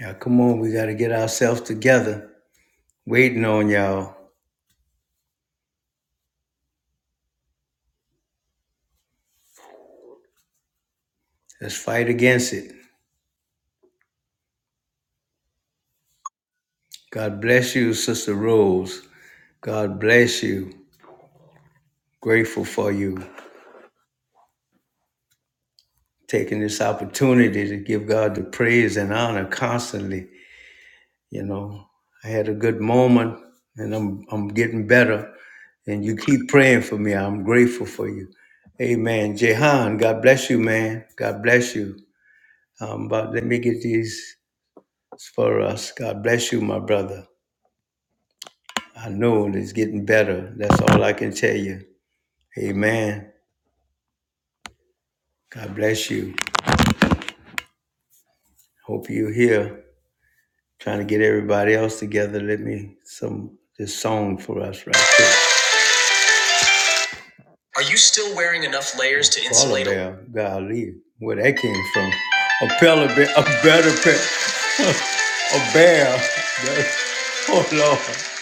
Yeah, come on, we got to get ourselves together. Waiting on y'all. Let's fight against it. God bless you, Sister Rose. God bless you. Grateful for you taking this opportunity to give God the praise and honor constantly. You know, I had a good moment and I'm I'm getting better. And you keep praying for me. I'm grateful for you. Amen. Jehan, God bless you, man. God bless you. Um, but let me get these. for us. God bless you, my brother. I know it is getting better. That's all I can tell you. Amen. God bless you. Hope you're here. Trying to get everybody else together. Let me some this song for us right here. Are you still wearing enough layers to insulate? a- Bear, golly, where that came from? A pillar bear, a better bear, a bear. Oh Lord,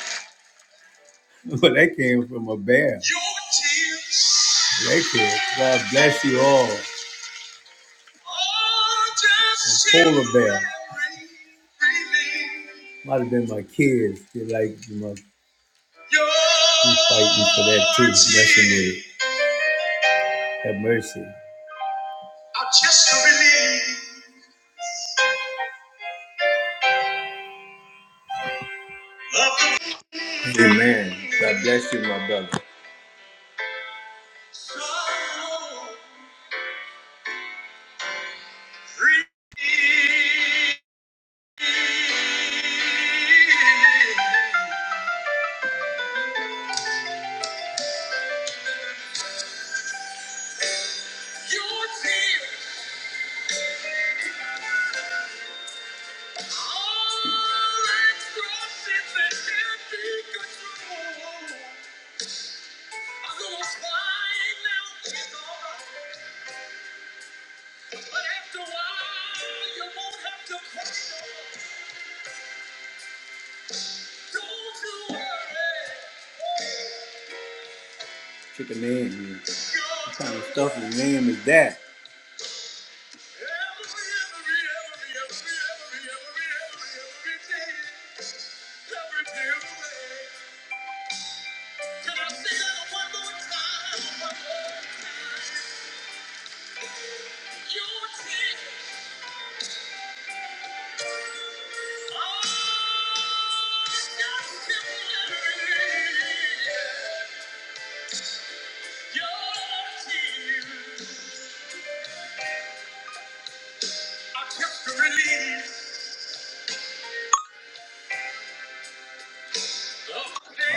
where that came from? A bear. Your tears. Thank you. God bless you all. and polar bear. Might have been my kids. They like you know, be fighting for that too, messing with it. Have mercy. Amen. God bless you, my brother. But after a while, you won't have to question. Don't you worry. Pick a name. man. What kind of stuff his name is that?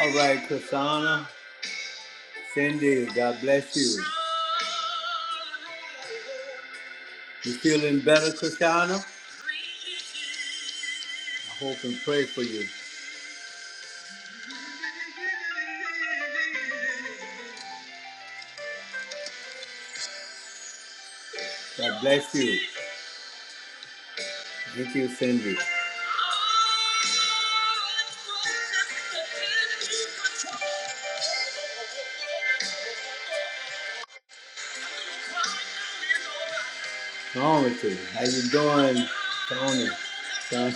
All right, Kasana, Cindy, God bless you. You feeling better, Kasana? I hope and pray for you. God bless you. Thank you, Cindy. What's wrong with you? How you doing, Tony? Son,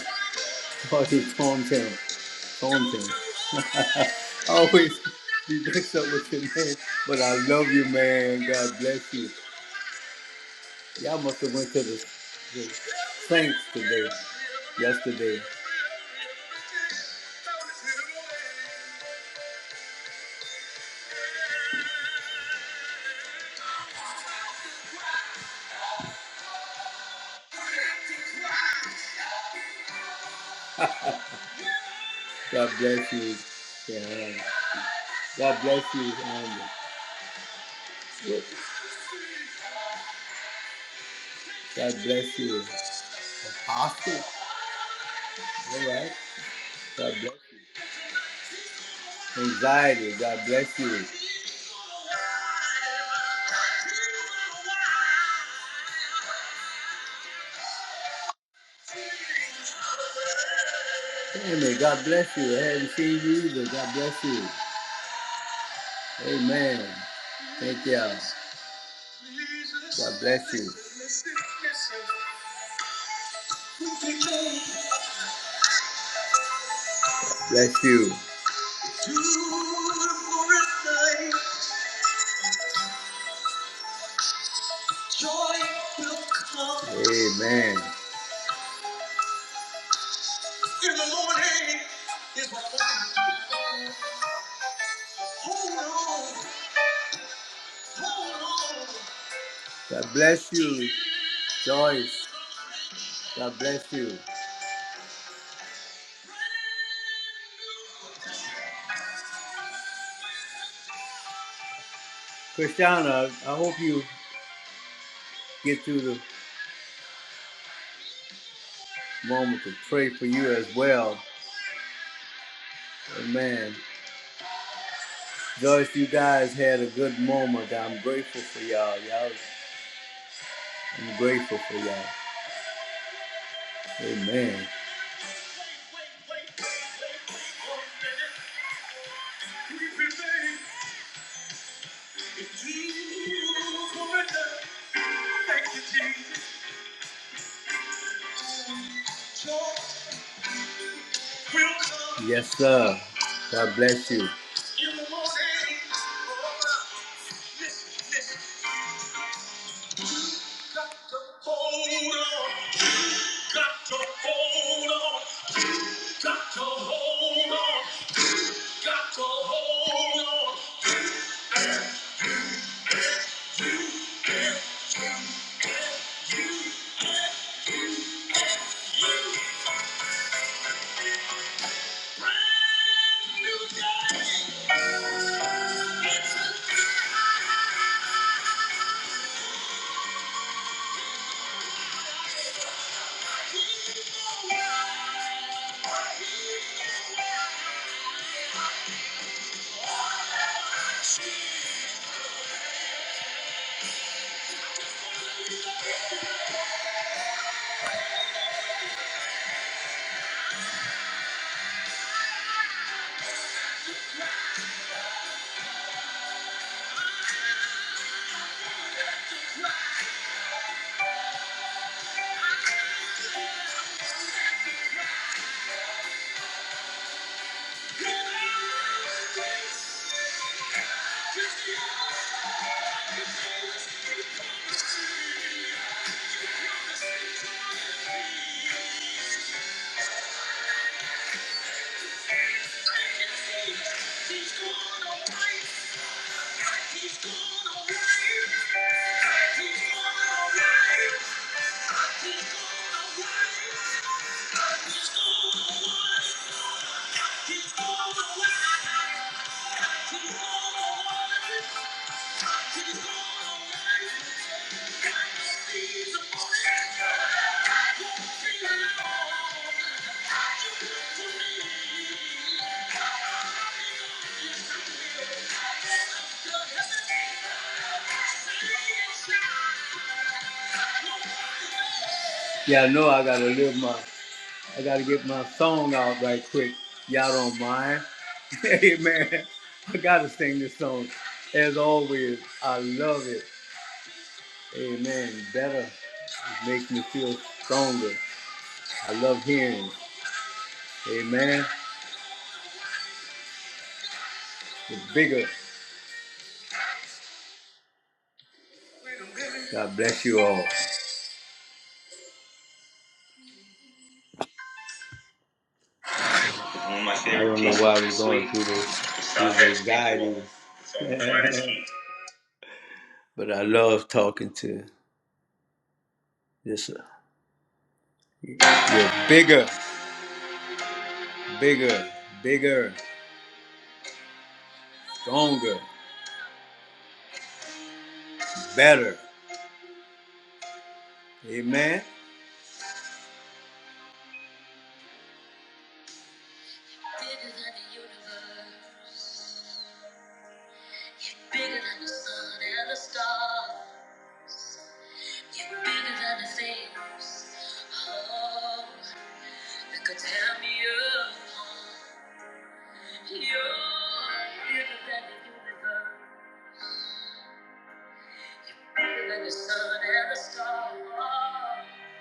call you Tom Tim. Tom Tim. Always be mixed up with your name, but I love you, man. God bless you. Y'all must have went to the, the Saints today, yesterday. God bless you. Yeah. God bless you. Um, God bless you. Apostle. All right. God bless you. Anxiety. God bless you. Amen. God bless you. I haven't seen you either. God bless you. Amen. Thank y'all. God bless you. Bless you. Joy will come. Amen. In the morning is my morning. Hold on, hold on. God bless you, Joyce. God bless you. Christiana, I hope you get through the moment to pray for you as well. Amen. Joyce, you guys had a good moment. I'm grateful for y'all. Y'all, I'm grateful for y'all. Amen. Yes, sir. God bless you. Got to hold on. He's gone away. He's gone away. Yeah, I know I gotta live my I gotta get my song out right quick. Y'all don't mind. Amen. I gotta sing this song. As always, I love it. Amen. Better It makes me feel stronger. I love hearing. it. Amen. It's bigger. God bless you all. I don't know why we're going through this, these anxieties. but I love talking to this. You're bigger, bigger, bigger, stronger, better. Amen. Bigger than the universe. You're bigger than the sun and the stars. You're bigger than the things. Oh, that could tear me apart. You're bigger than the universe. You're Bigger than the sun and the stars.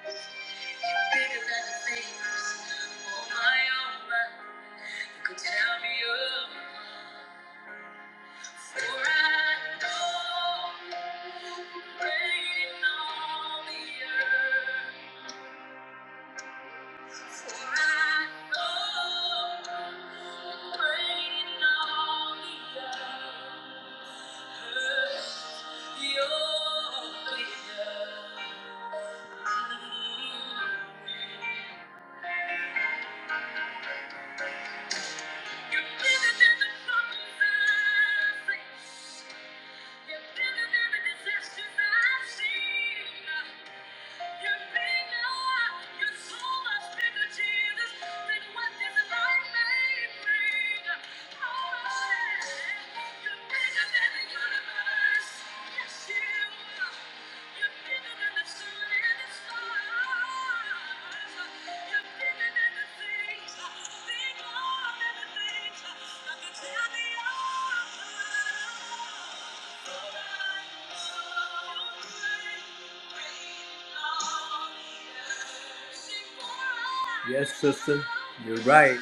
You're Bigger than the things on my own mind that could tear me apart. For I know, you're reigning on the earth. Thank you. You're bigger than the universe. Yes, you are. You're bigger than the Yes, sister, you're right.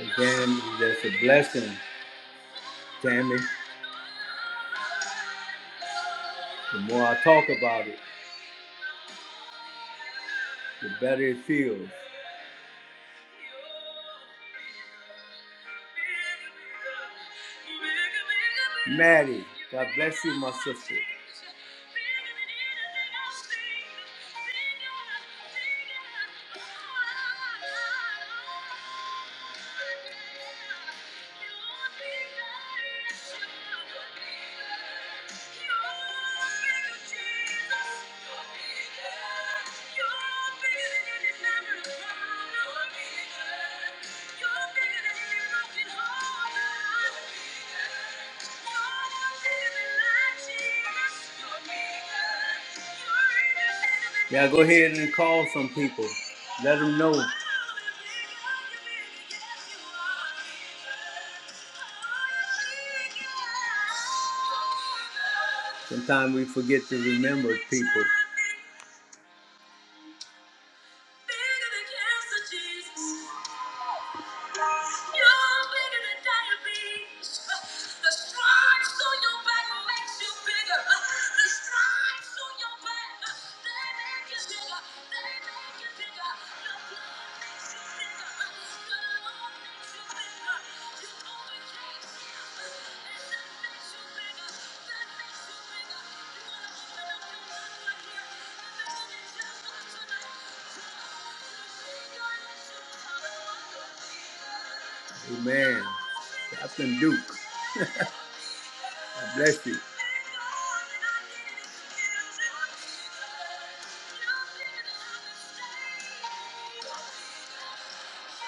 Again, that's a blessing, Tammy. The more I talk about it, the better it feels. Maddie, God bless you, my sister. Yeah, go ahead and call some people. Let them know. Sometimes we forget to remember people. They make you bigger. Amen. Captain Duke, God bless you. For I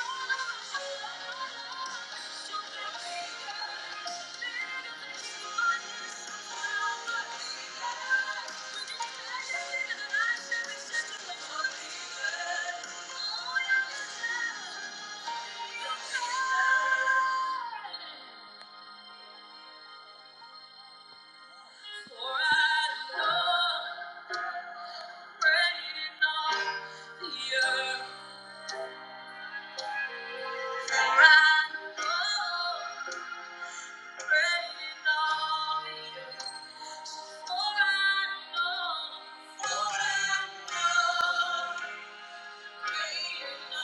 know, praying on the earth. For I know, for I know, greater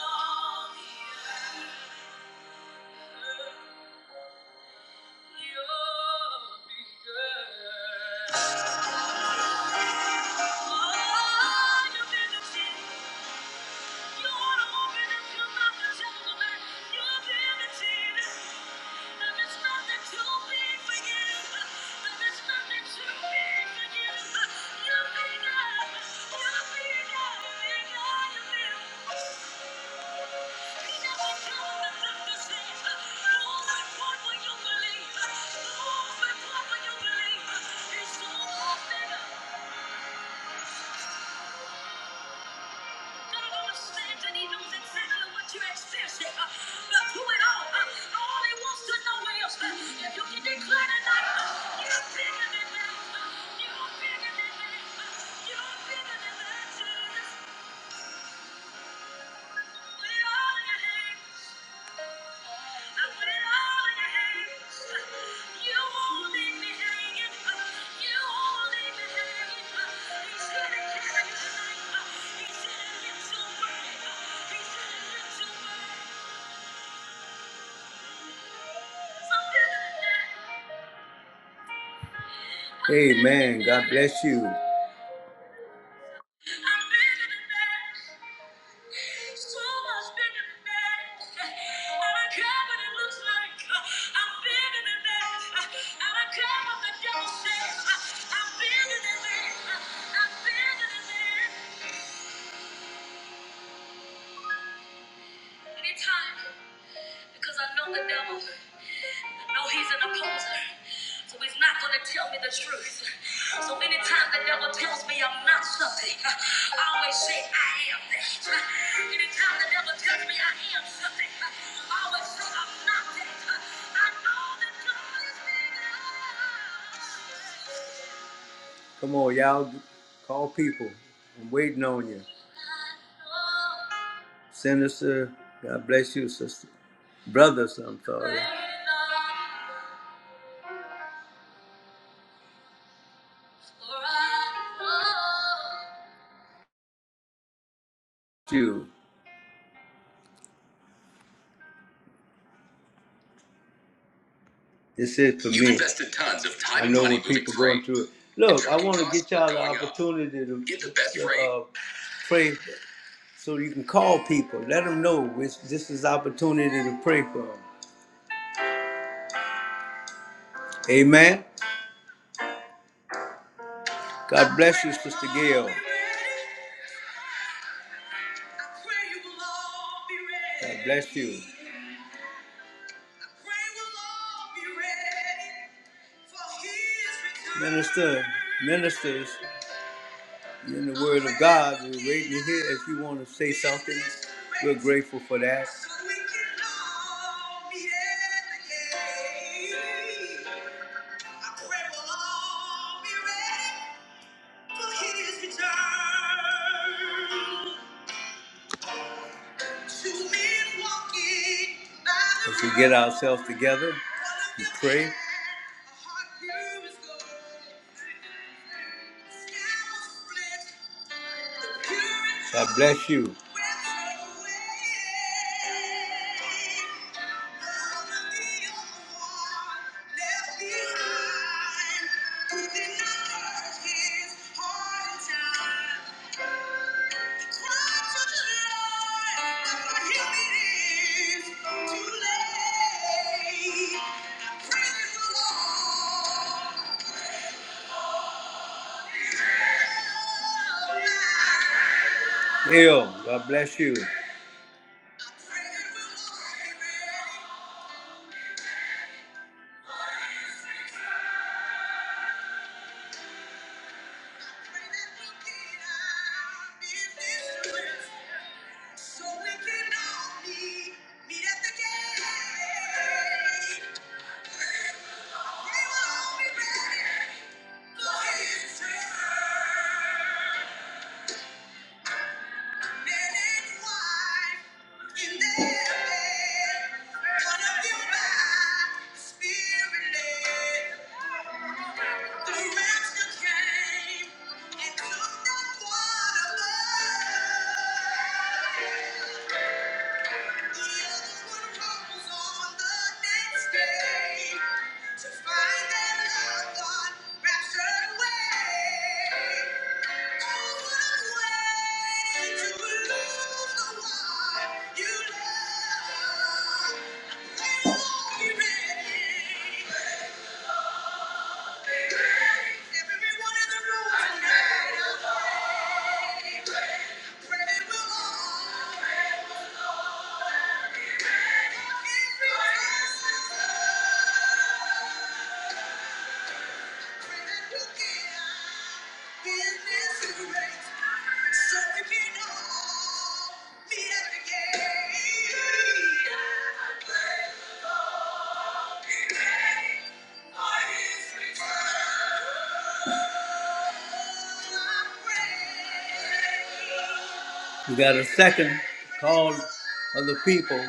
love Thank you. it's You'll believe. What will you believe. It's so much better. Thank you. Amen. God bless you. Because I know the devil. No, he's an opposer. So he's not going to tell me the truth. So anytime the devil tells me I'm not something, I always say I am that. Anytime the devil tells me I am something, I always say I'm not that. I know that God is bigger. Come on, y'all. Call people. I'm waiting on you. Sinister, God bless you, sister. Brothers, I'm sorry. you. This is for You've me. invested tons of time I know and when people going through it. Look, I want to get y'all the going up. opportunity to get the best to, rate. Uh, pray so you can call people. Let them know which, this is opportunity to pray for them. Amen. God bless you, Sister Gail. God bless you. Minister, ministers. in the Word of God. We're waiting to hear if you want to say something. We're grateful for that. As we get ourselves together and pray. God bless you. Neil, God bless you. So we can all meet at the gate. Came and took the water. one Oh, way to lose the one you love. When will you be ready? Everyone in the room tonight, I pray, I pray we'll all. You got a second call of the people.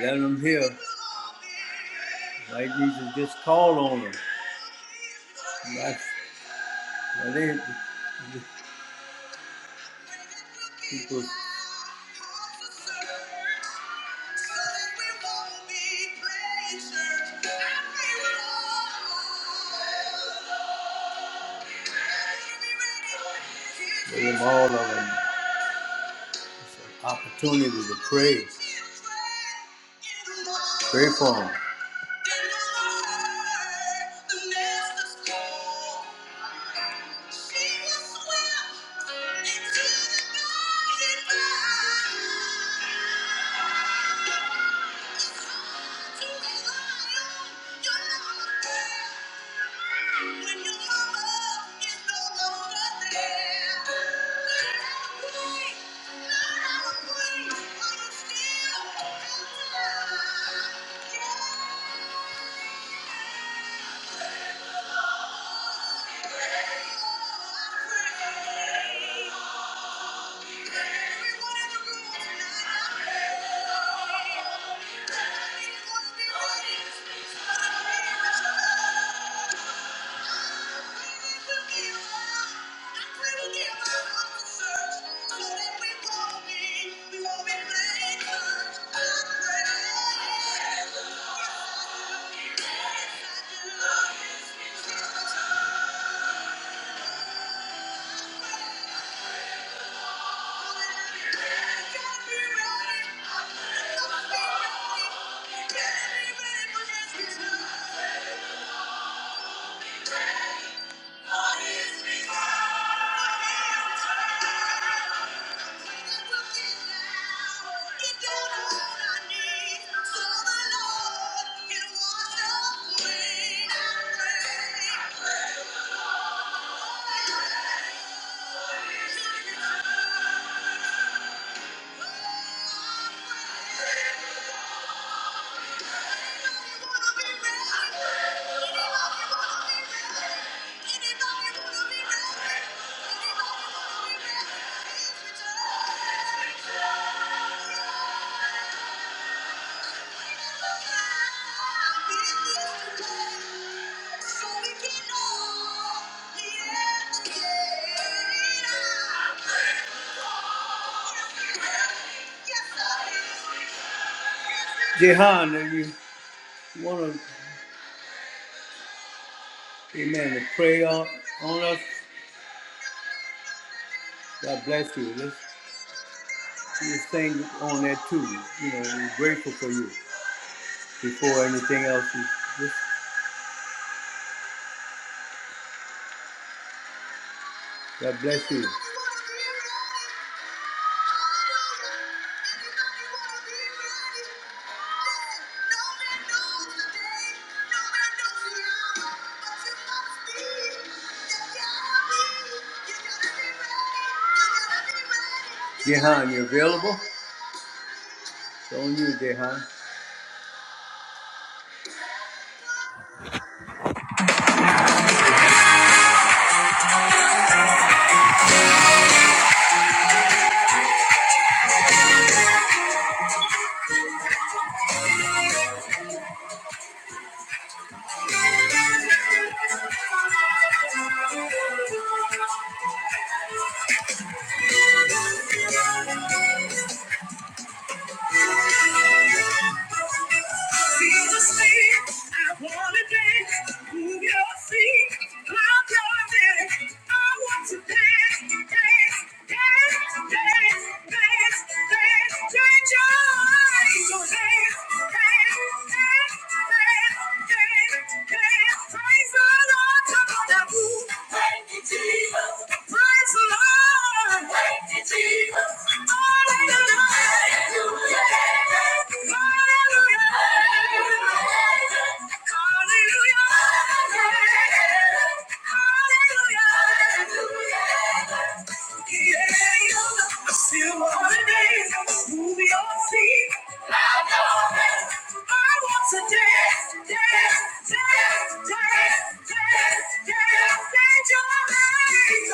Let them hear. Why Jesus just called on them? That's, that is, people Give them all of them opportunity to pray. Pray for them. Yeah. Thank you. Yeah. Jehan, are you want to? Amen. The prayer on us. God bless you. Let's, let's sing on that too. You know, we're grateful for you. Before anything else, just, God bless you. Jehan, you available? It's on you, Jehan. Feel the same. I wanna dance. Move your feet. Climb your neck. I want to dance, dance, dance, dance, dance. Change your mind. So dance, dance, dance, dance, dance, Hallelujah. I still wanna dance, move your feet. I know that I want to dance, dance, dance, dance, dance, dance, dance your legs. Dance,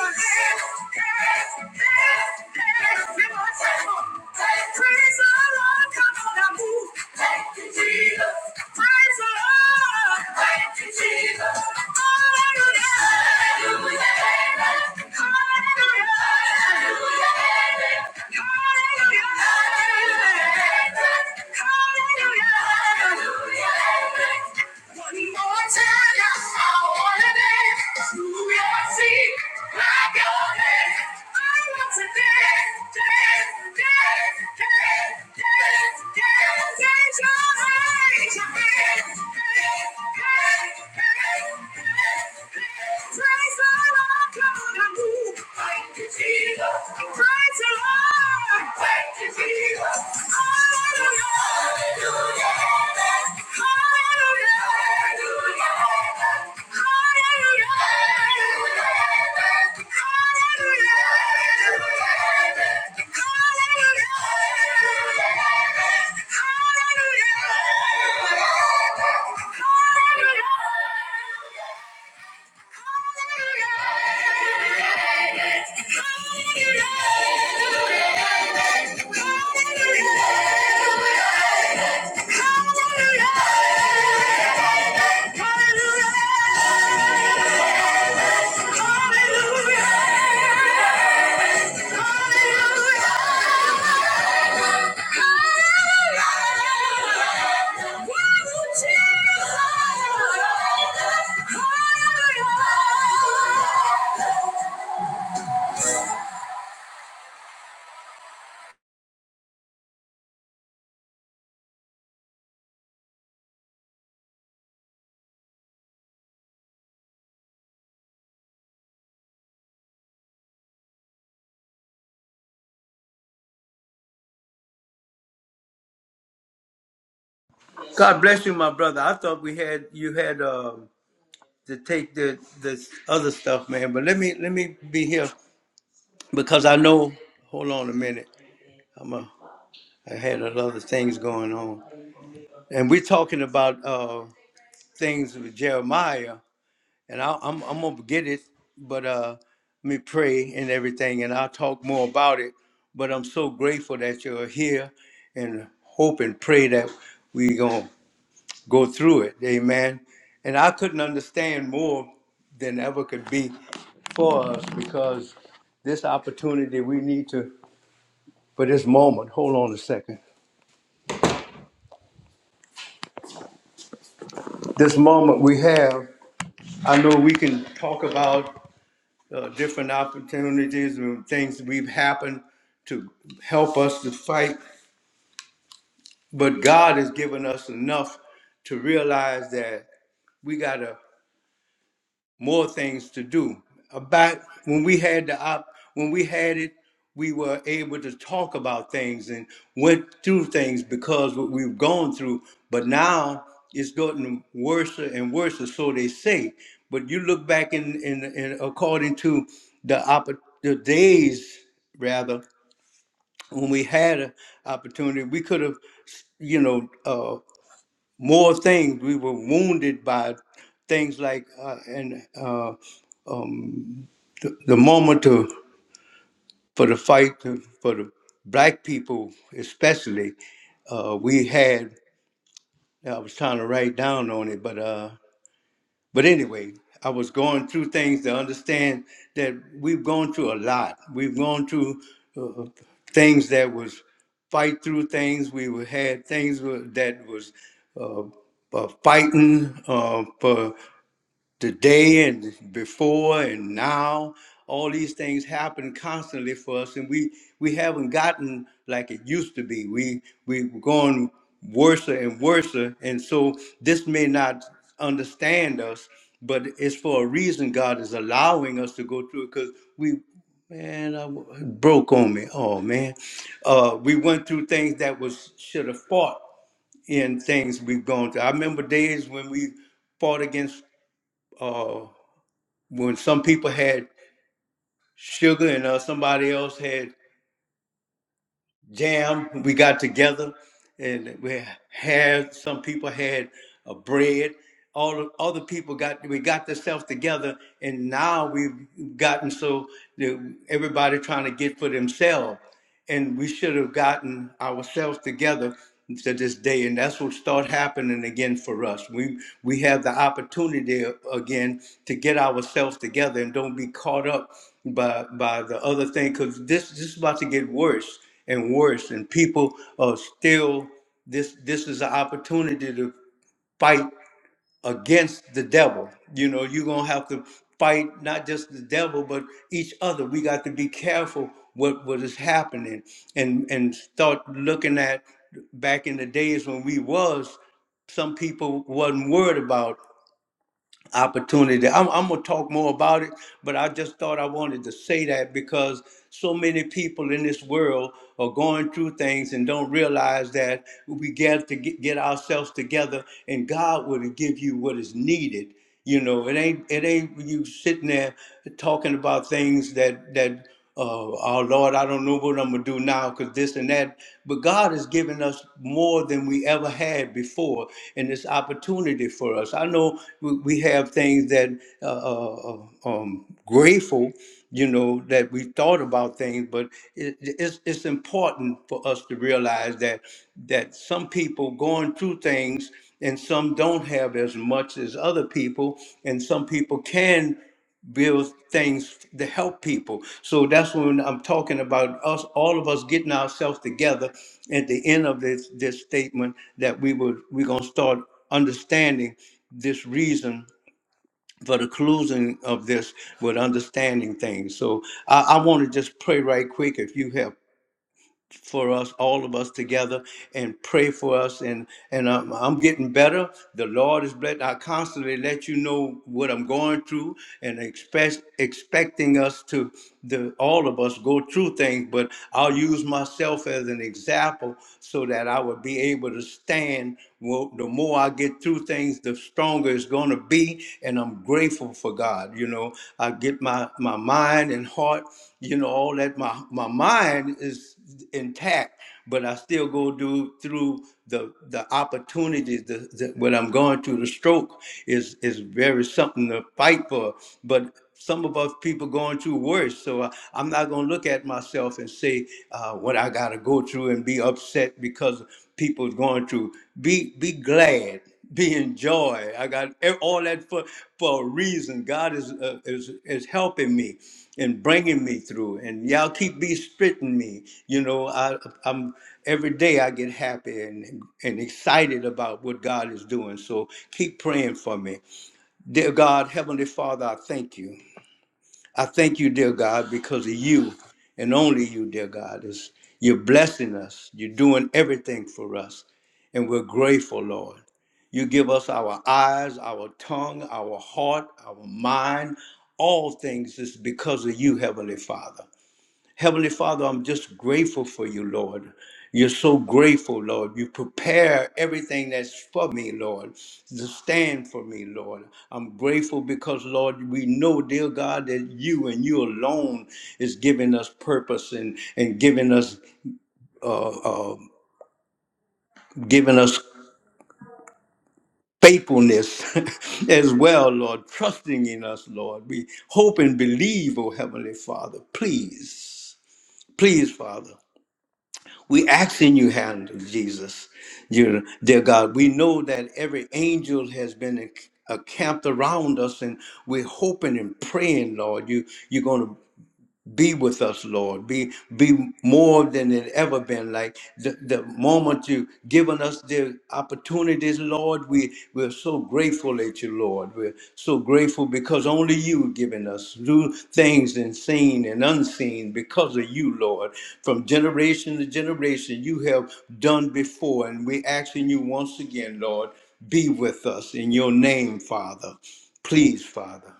dance, dance, dance. One more time. Praise the Lord, come on and move. Thank you, Jesus. Praise the Lord. Thank you, Jesus. Hallelujah. Hallelujah. Thank you. Hallelujah! God bless you, my brother. I thought we had you had um to take the this other stuff, man. But let me let me be here because I know. Hold on a minute. I'm a, I had other things going on, and we're talking about uh things with Jeremiah, and I, I'm I'm gonna get it, but uh, let me pray and everything, and I'll talk more about it. But I'm so grateful that you're here, and hope and pray that we gonna go through it. Amen. And I couldn't understand more than ever could be for us because this opportunity we need to, for this moment, hold on a second. This moment we have, I know we can talk about uh, different opportunities and things we've happened to help us to fight, but God has given us enough to realize that we gotta more things to do. About when we had the op, when we had it, we were able to talk about things and went through things because what we've gone through. But now it's gotten worse and worse, so they say. But you look back in in, in according to the opp- the days rather when we had an opportunity, we could have, you know, uh, more things. We were wounded by things like uh, and uh, the, the moment to, for the fight for the black people, especially, uh, we had. I was trying to write down on it, but uh, but anyway, I was going through things to understand that we've gone through a lot. We've gone through uh, things that was fight through things. We were- had things wa- that was uh, uh, fighting uh, for. today and before and now all these things happen constantly for us and we we haven't gotten like it used to be we we've gone worse and worse and so this may not understand us but it's for a reason god is allowing us to go through it because we man I w- it broke on me oh man uh we went through things that was should have fought in things we've gone through i remember days when we fought against Uh, when some people had sugar and uh, somebody else had jam. We got together and we had some people had a bread. All the other people got we got themselves together, and now we've gotten so that everybody trying to get for themselves, and we should have gotten ourselves together to this day, and that's what start happening again for us. We we have the opportunity again to get ourselves together and don't be caught up by by the other thing because this this is about to get worse and worse. And people are still this. This is an opportunity to fight against the devil. You know, you're gonna have to fight not just the devil, but each other. We got to be careful what what is happening, and and start looking at back in the days when we was some people wasn't worried about opportunity. I'm, I'm gonna talk more about it, but I just thought I wanted to say that because so many people in this world are going through things and don't realize that we get to get, get ourselves together, and God will give you what is needed. You know, it ain't it ain't you sitting there talking about things that that uh, oh Lord, I don't know what I'm gonna do now because this and that. But God has given us more than we ever had before, in this opportunity for us. I know we we have things that uh, uh, uh, um, grateful, you know, that we thought about things, but it, it's it's important for us to realize that that some people going through things and some don't have as much as other people, and some people can build things to help people. So that's when I'm talking about us, all of us getting ourselves together at the end of this this statement that we would we're gonna start understanding this reason for the conclusion of this with understanding things. So I, I want to just pray right quick if you have for us, all of us together, and pray for us. And and I'm, I'm getting better. The Lord is blessed. I constantly let you know what I'm going through, and expect expecting us to the all of us go through things. But I'll use myself as an example so that I will be able to stand. Well, the more I get through things, the stronger it's going to be, day, and I'm grateful for God. You know, I get my my mind and heart, you know, all that. My my mind is intact, but I still go do through the the opportunities. The, the what I'm going through, the stroke is is very something to fight for. But some of us people going through worse. So I, I'm not going to look at myself and say uh, what I got to go through and be upset because people going through. Be be glad, be enjoy. I got e- all that for for a reason. God is uh, is is helping me and bringing me through. And y'all keep be spitting me. You know, I I'm every day I get happy and and excited about what God is doing. So keep praying for me, dear God, Heavenly Father. I thank you. I thank you, dear God, because of you and only you, dear God. Is you're blessing us. You're doing everything for us. And we're grateful, Lord. You give us our eyes, our tongue, our heart, our mind. All things is because of you, Heavenly Father. Heavenly Father, I'm just grateful for you, Lord. You're so grateful, Lord. You prepare everything that's for me, Lord, to stand for me, Lord. I'm grateful because, Lord, we know, dear God, that you and you alone is giving us purpose and, and giving us uh, uh, giving us faithfulness as well, Lord, trusting in us, Lord. We hope and believe, oh Heavenly Father. Please, please, Father. We ask in your hand, Jesus, dear, dear God. We know that every angel has been enc- encamped around us, and we're hoping and praying, Lord. You, you're going to be with us, Lord. Be be more than it ever been. Like the, the moment you given us the opportunities, Lord, we we're so grateful at you, Lord. We're so grateful because only you given us do things and seen and unseen because of you, Lord. From generation to generation, you have done before, and we asking you once again, Lord, be with us in your name, Father. Please, Father.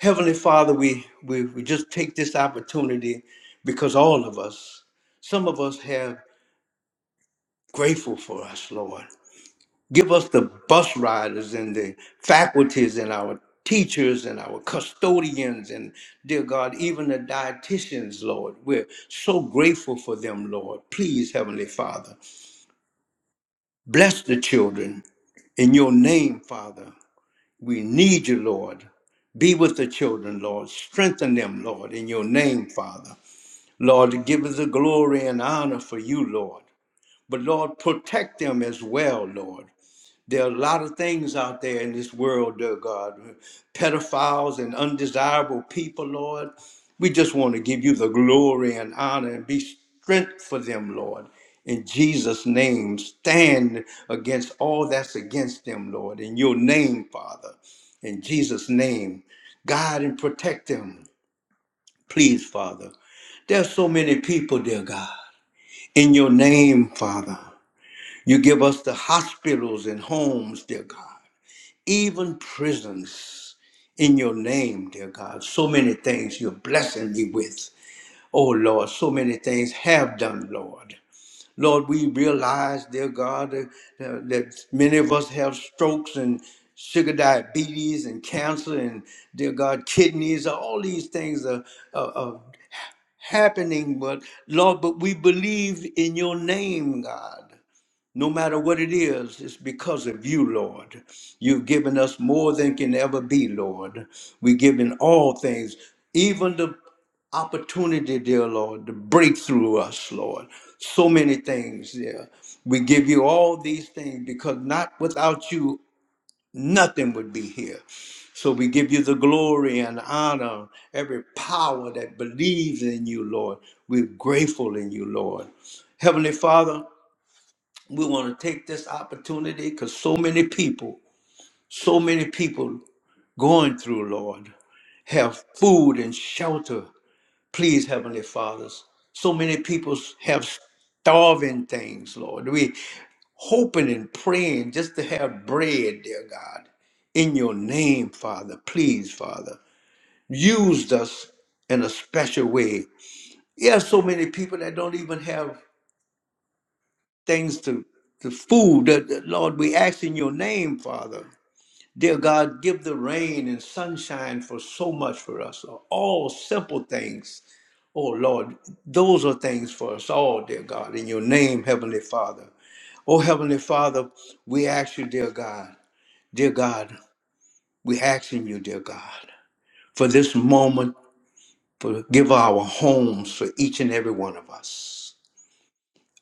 Heavenly Father, we, we, we just take this opportunity because all of us, some of us have grateful for us, Lord. Give us the bus riders and the faculties and our teachers and our custodians and dear God, even the dietitians, Lord. We're so grateful for them, Lord. Please, Heavenly Father, bless the children in your name, Father. We need you, Lord. Be with the children, Lord. Strengthen them, Lord, in your name, Father. Lord, give us the glory and honor for you, Lord. But Lord, protect them as well, Lord. There are a lot of things out there in this world, dear God. Pedophiles and undesirable people, Lord. We just want to give you the glory and honor and be strength for them, Lord. In Jesus' name, stand against all that's against them, Lord. In your name, Father. In Jesus' name, guide and protect them. Please, Father. There's so many people, dear God. In your name, Father, you give us the hospitals and homes, dear God, even prisons. In your name, dear God, so many things you're blessing me with. Oh Lord, so many things have done, Lord. Lord, we realize, dear God, that, that many of us have strokes and sugar diabetes and cancer and, dear God, kidneys. All these things are, are, are happening, but Lord, but we believe in your name, God. No matter what it is, it's because of you, Lord. You've given us more than can ever be, Lord. We're given all things, even the opportunity, dear Lord, to break through us, Lord. So many things, dear. We give you all these things because not without you, nothing would be here. So we give you the glory and honor, every power that believes in you, Lord. We're grateful in you, Lord. Heavenly Father, we want to take this opportunity because so many people, so many people going through, Lord, have food and shelter. Please, Heavenly Fathers. So many people have starving things, Lord. We hoping and praying just to have bread, dear God. In your name, Father, please, Father, used us in a special way. There are so many people that don't even have things to, to food. Uh, uh, Lord, we ask in your name, Father. Dear God, give the rain and sunshine for so much for us. All simple things. Oh Lord, those are things for us all, dear God, in your name, Heavenly Father. Oh Heavenly Father, we ask you, dear God, dear God, we asking you, dear God, for this moment, Forgive our homes for each and every one of us.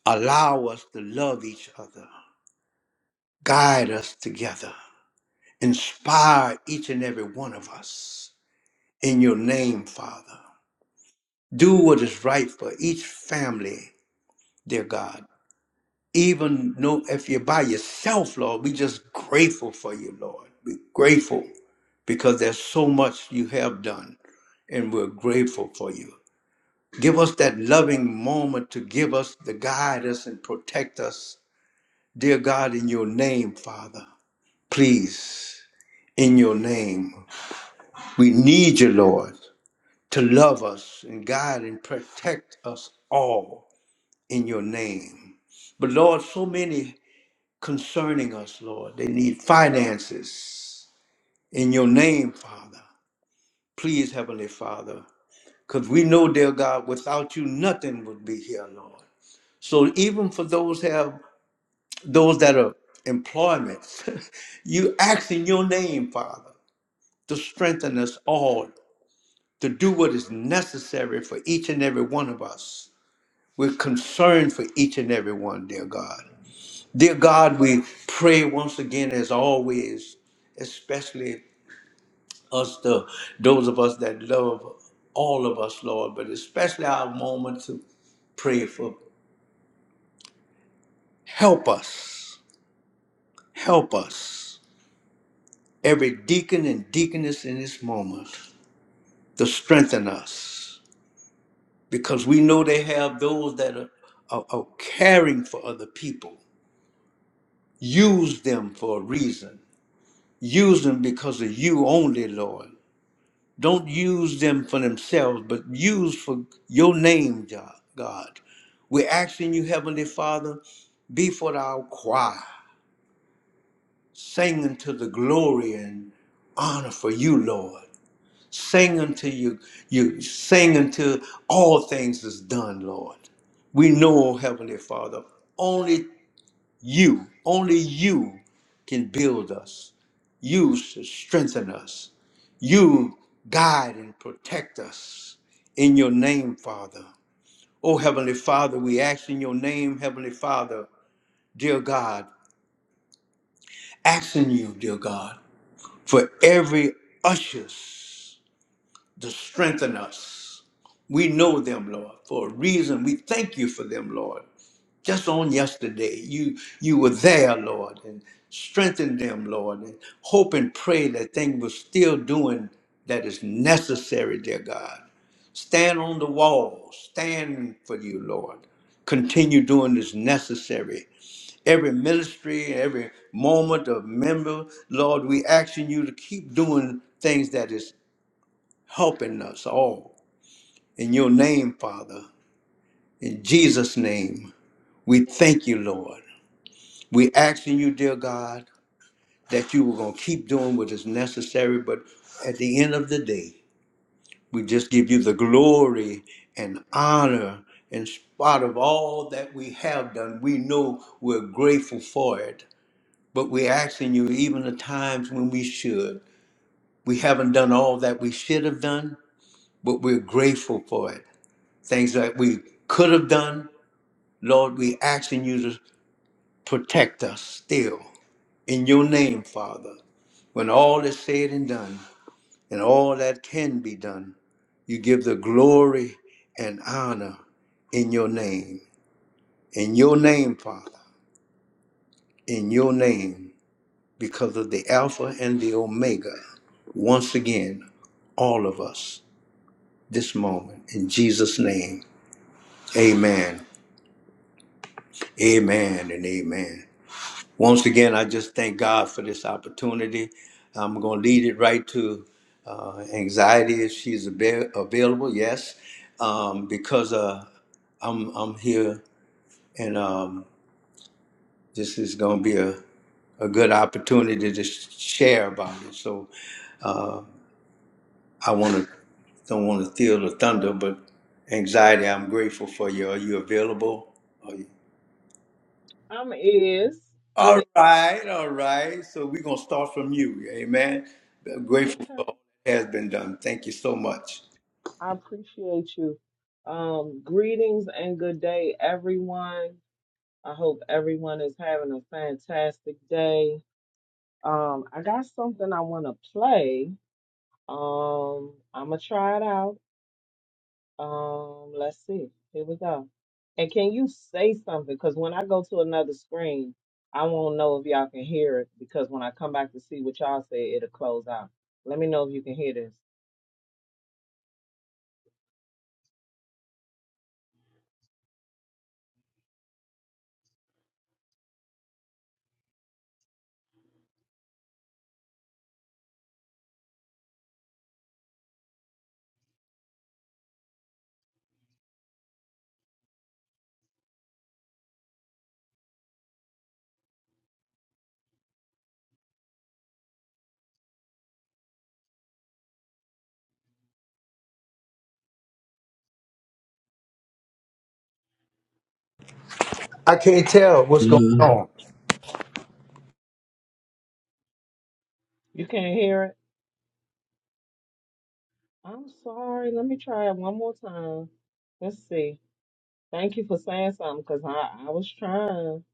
Allow us to love each other. Guide us together. Inspire each and every one of us. In your name, Father. Do what is right for each family, dear God. Even know if you're by yourself, Lord, we just grateful for you, Lord. We're grateful because there's so much you have done, and we're grateful for you. Give us that loving moment to give us to guide us and protect us, dear God, in your name, Father. Please, in your name, we need you, Lord, to love us and guide and protect us all in your name. But Lord, so many concerning us, Lord, they need finances in your name, Father. Please, Heavenly Father, because we know, dear God, without you, nothing would be here, Lord. So even for those have those that are employment, you ask in your name, Father, to strengthen us all to do what is necessary for each and every one of us. We're concerned for each and every one, dear God. Dear God, we pray once again, as always, especially us, the those of us that love all of us, Lord, but especially our moment to pray for. Help us, help us, every deacon and deaconess in this moment, to strengthen us, because we know they have those that are, are, are caring for other people. Use them for a reason. Use them because of you only, Lord. Don't use them for themselves, but use for your name, Jo- God. We're asking you, Heavenly Father, be for our choir, singing to the glory and honor for you, Lord. Sing unto you, you sing until all things is done, Lord. We know, Heavenly Father, only you, only you can build us. You should strengthen us. You guide and protect us in your name, Father. Oh, Heavenly Father, we ask in your name, Heavenly Father, dear God, asking you, dear God, for every ushers to strengthen us. We know them, Lord, for a reason. We thank you for them, Lord. Just on yesterday, you you were there, Lord, and strengthened them, Lord, and hope and pray that thing was still doing that is necessary, dear God. Stand on the wall. Stand for you, Lord. Continue doing this necessary. Every ministry, every moment of member, Lord, we asking you to keep doing things that is helping us all. In your name, Father, in Jesus' name, we thank you, Lord. We asking you, dear God, that you were going to keep doing what is necessary, but at the end of the day, We just give you the glory and honor in spite of all that we have done. We know we're grateful for it, but we're asking you, even the times when we should, we haven't done all that we should have done, but we're grateful for it. Things that we could have done, Lord, we asking you to protect us still. In your name, Father, when all is said and done. and all that can be done. You give the glory and honor in your name, in your name, Father, in your name, because of the Alpha and the Omega. Once again, all of us this moment, in Jesus' name. Amen, amen, and amen. Once again, I just thank God for this opportunity. I'm going to lead it right to uh, anxiety if she's avail- available, yes, um, because uh, I'm I'm here, and um, this is going to be a, a good opportunity to share about it. So I want to don't want to steal the thunder, but anxiety. I'm grateful for you. Are you available? Are you? I'm is. I'm All right, all right. So we're gonna start from you. Amen. I'm grateful okay. for all that has been done. Thank you so much. I appreciate you. Um, greetings and good day, everyone. I hope everyone is having a fantastic day. Um, I got something I want to play. Um, I'm gonna try it out. Um, let's see. Here we go. And can you say something? Because when I go to another screen, I won't know if y'all can hear it. Because when I come back to see what y'all say, it'll close out. Let me know if you can hear this. I can't tell what's going on. You can't hear it. I'm sorry. Let me try it one more time. Let's see. Thank you for saying something because I, I was trying.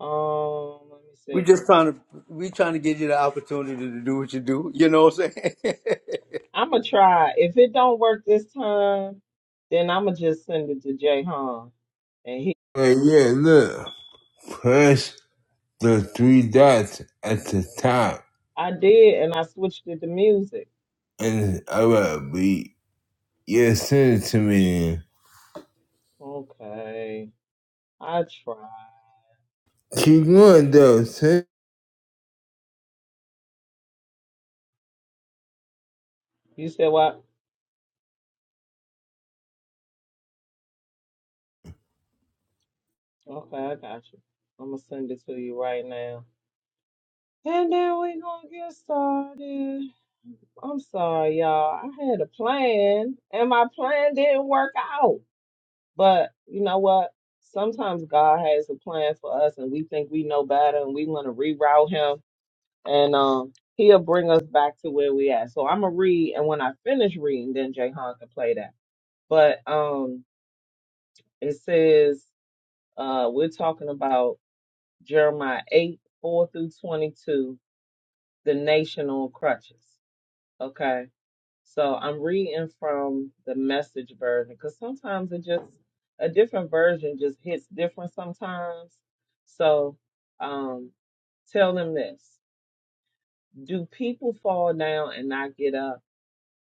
Um, let me We see. just trying to we trying to give you the opportunity to do what you do. You know what I'm saying? I'm gonna try. If it don't work this time, then I'm gonna just send it to Jay Han. And he, And yeah, look, press the three dots at the top I did, and I switched it to music. and it's about beat. Yeah, send it to me. Okay, I tried. Keep going though, send You said what? Okay, I got you. I'm gonna send it to you right now. And then we gonna get started. I'm sorry, y'all. I had a plan and my plan didn't work out. But you know what? Sometimes God has a plan for us and we think we know better and we want to reroute him and um he'll bring us back to where we at. So I'm gonna read and when I finish reading then Jay Han can play that. But um it says uh we're talking about Jeremiah eight, four through twenty two, the nation on crutches. Okay. So I'm reading from the message version because sometimes it just a different version just hits different sometimes. So um, tell them this: Do people fall down and not get up?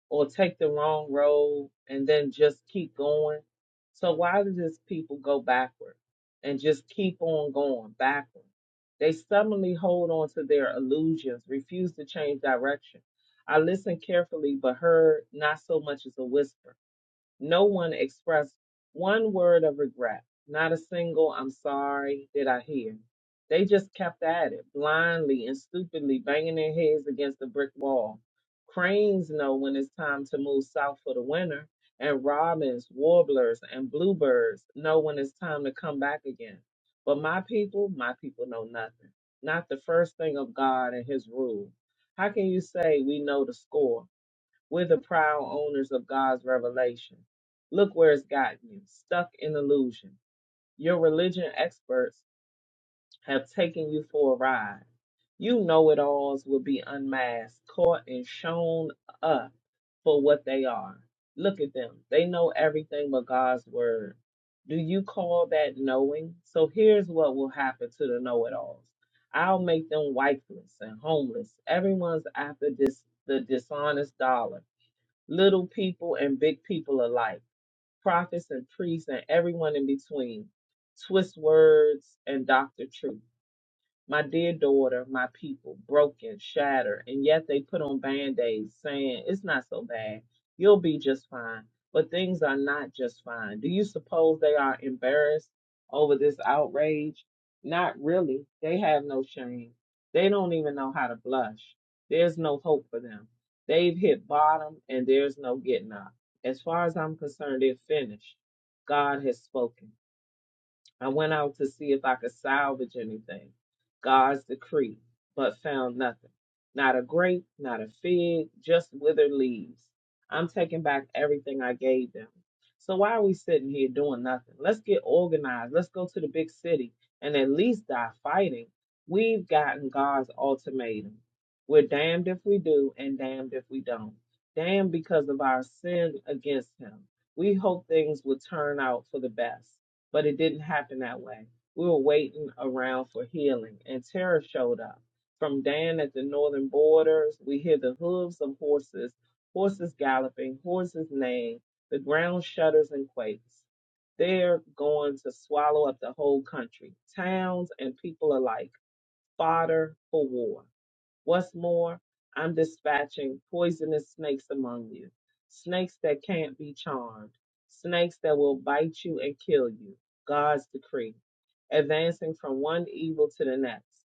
or take the wrong road and then just keep going. So why do these people go backward and just keep on going backward? They stubbornly hold on to their illusions, refuse to change direction. I listened carefully, but heard not so much as a whisper. No one expressed one word of regret, not a single I'm sorry did I hear. They just kept at it, blindly and stupidly banging their heads against the brick wall. Cranes know when it's time to move south for the winter, and robins, warblers, and bluebirds know when it's time to come back again. But my people, my people know nothing, not the first thing of God and His rule. How can you say we know the score? We're the proud owners of God's revelation. Look where it's gotten you stuck in illusion. Your religion experts have taken you for a ride. You know it alls will be unmasked, caught, and shown up for what they are. Look at them. They know everything but God's word. Do you call that knowing? So here's what will happen to the know it alls I'll make them wifeless and homeless. Everyone's after this, the dishonest dollar little people and big people alike, prophets and priests and everyone in between, twist words and doctor truth. My dear daughter, my people, broken, shattered, and yet they put on band aids saying, It's not so bad. You'll be just fine. But things are not just fine. Do you suppose they are embarrassed over this outrage? Not really. They have no shame. They don't even know how to blush. There's no hope for them. They've hit bottom and there's no getting up. As far as I'm concerned, they're finished. God has spoken. I went out to see if I could salvage anything. God's decree, but found nothing. Not a grape, not a fig, just withered leaves. I'm taking back everything I gave them. So why are we sitting here doing nothing? Let's get organized. Let's go to the big city and at least die fighting. We've gotten God's ultimatum. We're damned if we do and damned if we don't. Damned because of our sin against Him. We hope things will turn out for the best but it didn't happen that way. We were waiting around for healing, and terror showed up. From Dan at the northern borders, we hear the hooves of horses, horses galloping, horses neighing. The ground shudders and quakes. They're going to swallow up the whole country, towns and people alike, fodder for war. What's more, I'm dispatching poisonous snakes among you, snakes that can't be charmed, snakes that will bite you and kill you. God's decree. Advancing from one evil to the next.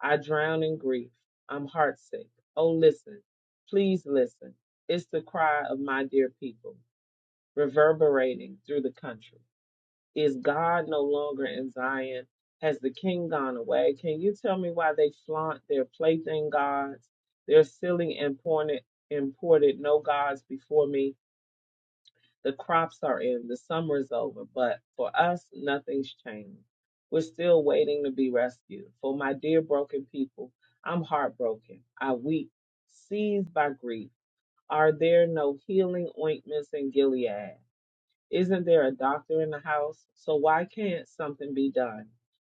I drown in grief. I'm heartsick. Oh, listen. Please listen. It's the cry of my dear people, reverberating through the country. Is God no longer in Zion? Has the king gone away? Can you tell me why they flaunt their plaything gods? They're silly and porned- imported no gods before me. The crops are in, the summer is over, but for us, nothing's changed. We're still waiting to be rescued. For my dear broken people, I'm heartbroken. I weep, seized by grief. Are there no healing ointments in Gilead? Isn't there a doctor in the house? So why can't something be done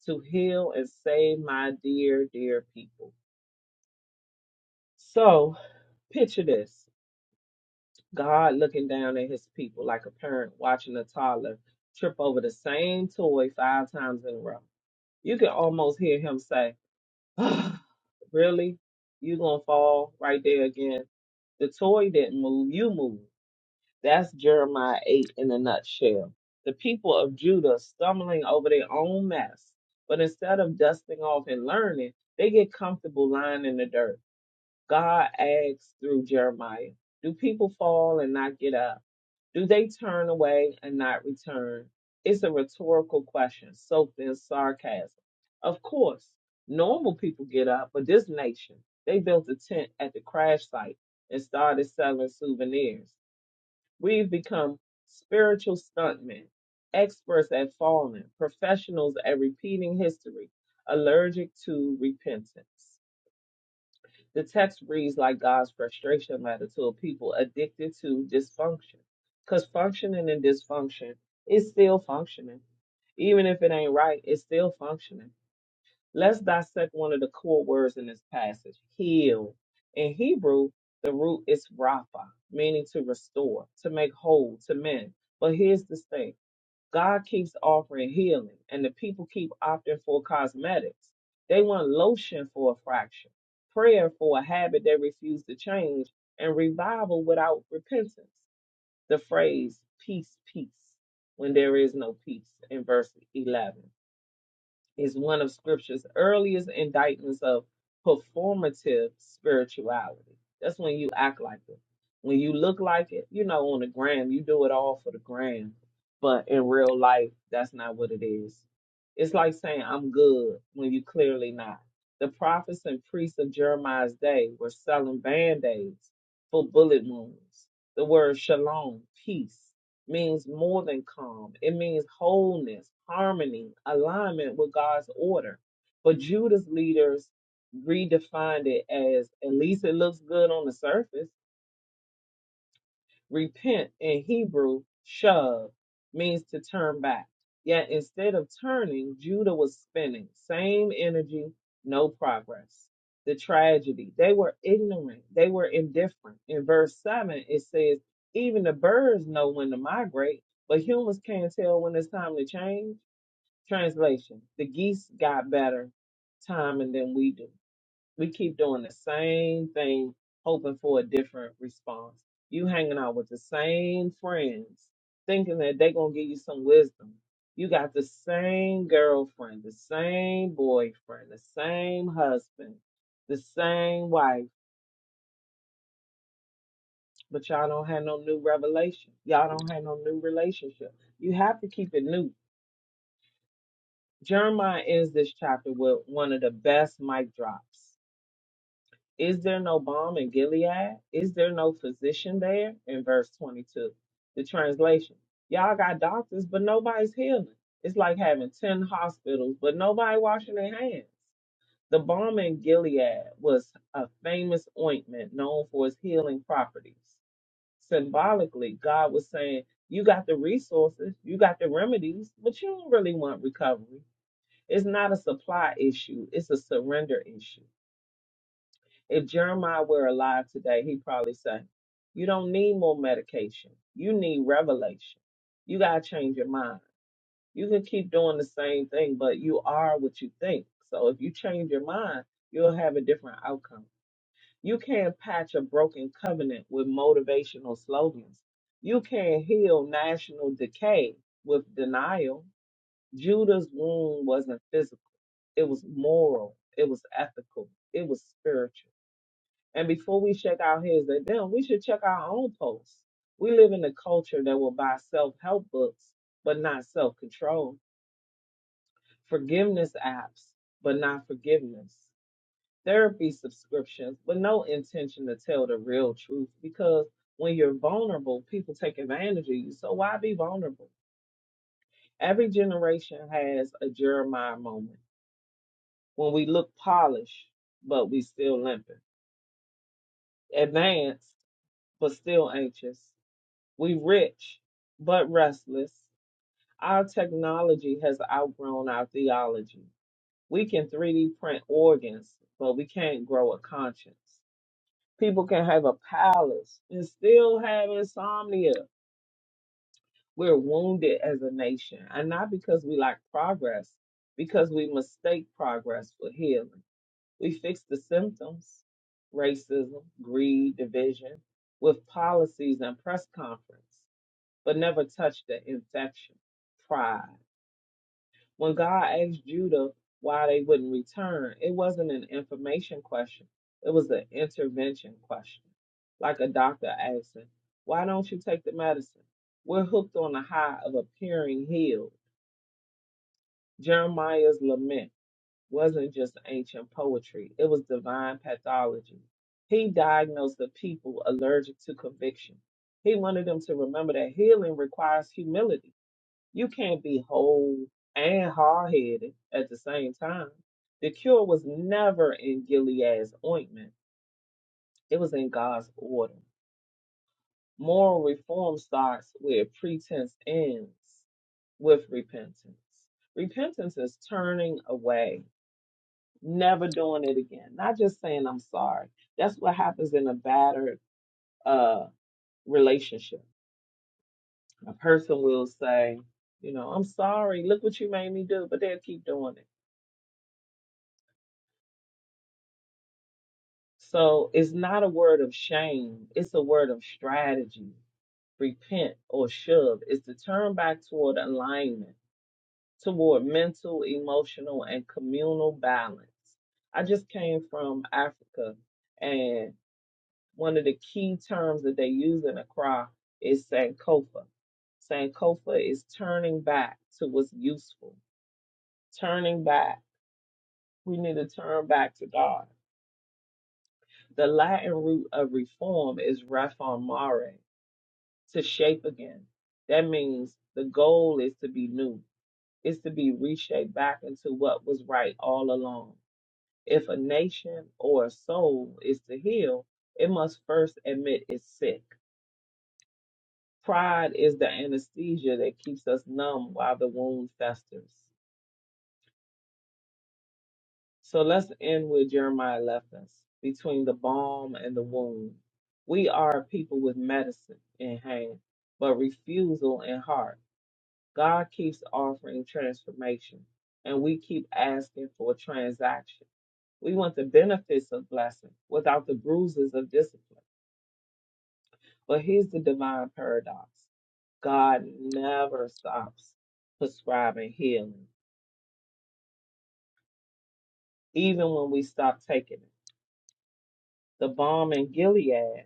to heal and save my dear, dear people? So picture this God looking down at his people like a parent watching a toddler trip over the same toy five times in a row. You can almost hear him say, "Ah, Really? You gonna fall right there again? The toy didn't move, you moved. That's Jeremiah 8 in a nutshell. The people of Judah stumbling over their own mess, but instead of dusting off and learning, they get comfortable lying in the dirt. God asks through Jeremiah, Do people fall and not get up? Do they turn away and not return? It's a rhetorical question soaked in sarcasm. Of course, normal people get up, but this nation, they built a tent at the crash site and started selling souvenirs. We've become spiritual stuntmen, experts at falling, professionals at repeating history, allergic to repentance. The text reads like God's frustration letter to a people addicted to dysfunction, because functioning and dysfunction is still functioning. Even if it ain't right, it's still functioning Let's dissect one of the core words in this passage heal. In Hebrew, the root is rapha, meaning to restore, to make whole, to mend. But here's the thing God keeps offering healing, and the people keep opting for cosmetics. They want lotion for a fraction, prayer for a habit they refuse to change, and revival without repentance. The phrase, peace, peace, when there is no peace, in verse 11 is one of scripture's earliest indictments of performative spirituality. That's when you act like it. When you look like it, you know, on the gram, you do it all for the gram. But in real life, that's not what it is. It's like saying, I'm good when you clearly not. The prophets and priests of Jeremiah's day were selling band aids for bullet wounds. The word shalom, peace, means more than calm. It means wholeness, harmony, alignment with God's order. But Judah's leaders redefined it as at least it looks good on the surface. Repent in Hebrew, shav, means to turn back. Yet instead of turning, Judah was spinning. Same energy, no progress. The tragedy. They were ignorant. They were indifferent. In verse 7, it says, Even the birds know when to migrate, but humans can't tell when it's time to change. Translation The geese got better timing than we do. We keep doing the same thing, hoping for a different response. You hanging out with the same friends, thinking that they gonna give you some wisdom. You got the same girlfriend, the same boyfriend, the same husband, the same wife, but y'all don't have no new revelation. Y'all don't have no new relationship. You have to keep it new. Jeremiah ends this chapter with one of the best mic drops. Is there no balm in Gilead? Is there no physician there? In verse 22, the translation. Y'all got doctors, but nobody's healing. It's like having 10 hospitals, but nobody washing their hands. The balm in Gilead was a famous ointment known for its healing properties. Symbolically, God was saying, You got the resources, you got the remedies, but you don't really want recovery. It's not a supply issue, it's a surrender issue if Jeremiah were alive today, he'd probably say, You don't need more medication. You need revelation. You got to change your mind. You can keep doing the same thing, but you are what you think. So if you change your mind, you'll have a different outcome. You can't patch a broken covenant with motivational slogans. You can't heal national decay with denial. Judah's wound wasn't physical, it was moral, it was ethical, it was spiritual. And before we check our heads at them, we should check our own posts. We live in a culture that will buy self help books, but not self control, forgiveness apps, but not forgiveness, therapy subscriptions, but no intention to tell the real truth. Because when you're vulnerable, people take advantage of you. So why be vulnerable? Every generation has a Jeremiah moment when we look polished, but we still limping, advanced, but still anxious We rich but restless. Our technology has outgrown our theology. We can 3D print organs, but we can't grow a conscience. People can have a palace and still have insomnia. We're wounded as a nation, and not because we lack progress, because we mistake progress for healing. We fix the symptoms racism, greed, division with policies and press conference. but never touched the infection. Pride. When God asked Judah why they wouldn't return, it wasn't an information question, it was an intervention question. Like a doctor asking, Why don't you take the medicine? We're hooked on the high of appearing healed. Jeremiah's lament wasn't just ancient poetry, it was divine pathology. He diagnosed the people allergic to conviction. He wanted them to remember that healing requires humility You can't be whole and hard headed at the same time. The cure was never in Gilead's ointment, it was in God's order. Moral reform starts where pretense ends with repentance. Repentance is turning away, never doing it again, not just saying I'm sorry. That's what happens in a battered uh, relationship. A person will say, you know, I'm sorry, look what you made me do, but they'll keep doing it So it's not a word of shame, it's a word of strategy. Repent or shove is to turn back toward alignment, toward mental, emotional, and communal balance. I just came from Africa, and one of the key terms that they use in Accra is Sankofa. Sankofa is turning back to what's useful, turning back. We need to turn back to God. The Latin root of reform is reformare, to shape again. That means the goal is to be new, is to be reshaped back into what was right all along. If a nation or a soul is to heal, it must first admit it's sick. Pride is the anesthesia that keeps us numb while the wound festers. So let's end with Jeremiah left us between the balm and the wound. We are a people with medicine in hand, but refusal in heart. God keeps offering transformation, and we keep asking for a transaction. We want the benefits of blessing without the bruises of discipline. But here's the divine paradox God never stops prescribing healing, even when we stop taking it. The balm in Gilead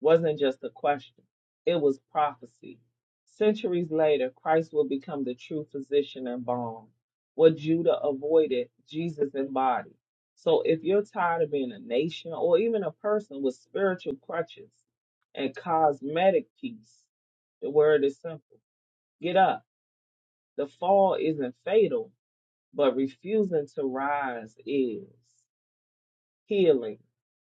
wasn't just a question, it was prophecy. Centuries later, Christ will become the true physician and balm. What Judah avoided, Jesus embodied. So if you're tired of being a nation or even a person with spiritual crutches and cosmetic peace, the word is simple get up. The fall isn't fatal, but refusing to rise is. Healing,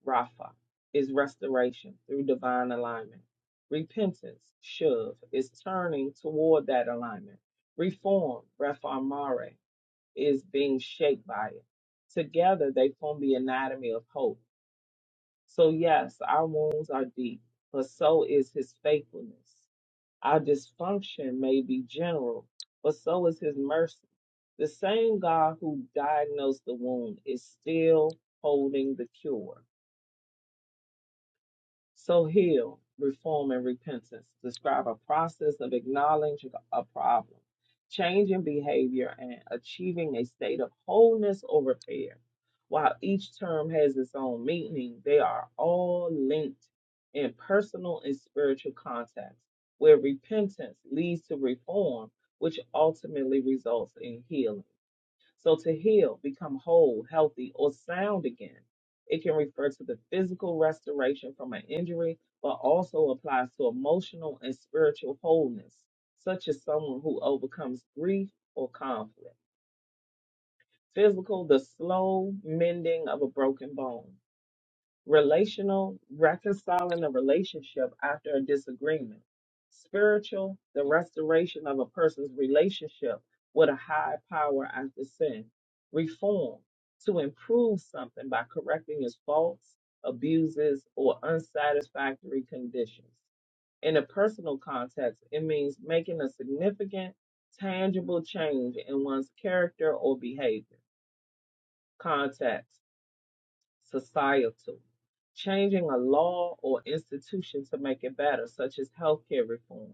Rapha, is restoration through divine alignment. Repentance, Shuv, is turning toward that alignment. Reform, Rapha Mare, is being shaped by it. Together, they form the anatomy of hope. So, yes, our wounds are deep, but so is his faithfulness. Our dysfunction may be general, but so is his mercy. The same God who diagnosed the wound is still holding the cure. So heal, reform, and repentance describe a process of acknowledging a problem, changing behavior, and achieving a state of wholeness or repair. While each term has its own meaning, they are all linked in personal and spiritual context, where repentance leads to reform, which ultimately results in healing. So to heal, become whole, healthy, or sound again, it can refer to the physical restoration from an injury, but also applies to emotional and spiritual wholeness, such as someone who overcomes grief or conflict. Physical, the slow mending of a broken bone relational, reconciling a relationship after a disagreement, spiritual, the restoration of a person's relationship with a higher power after sin, reform, to improve something by correcting its faults, abuses, or unsatisfactory conditions. In a personal context, it means making a significant, tangible change in one's character or behavior. Context societal, changing a law or institution to make it better, such as healthcare reform,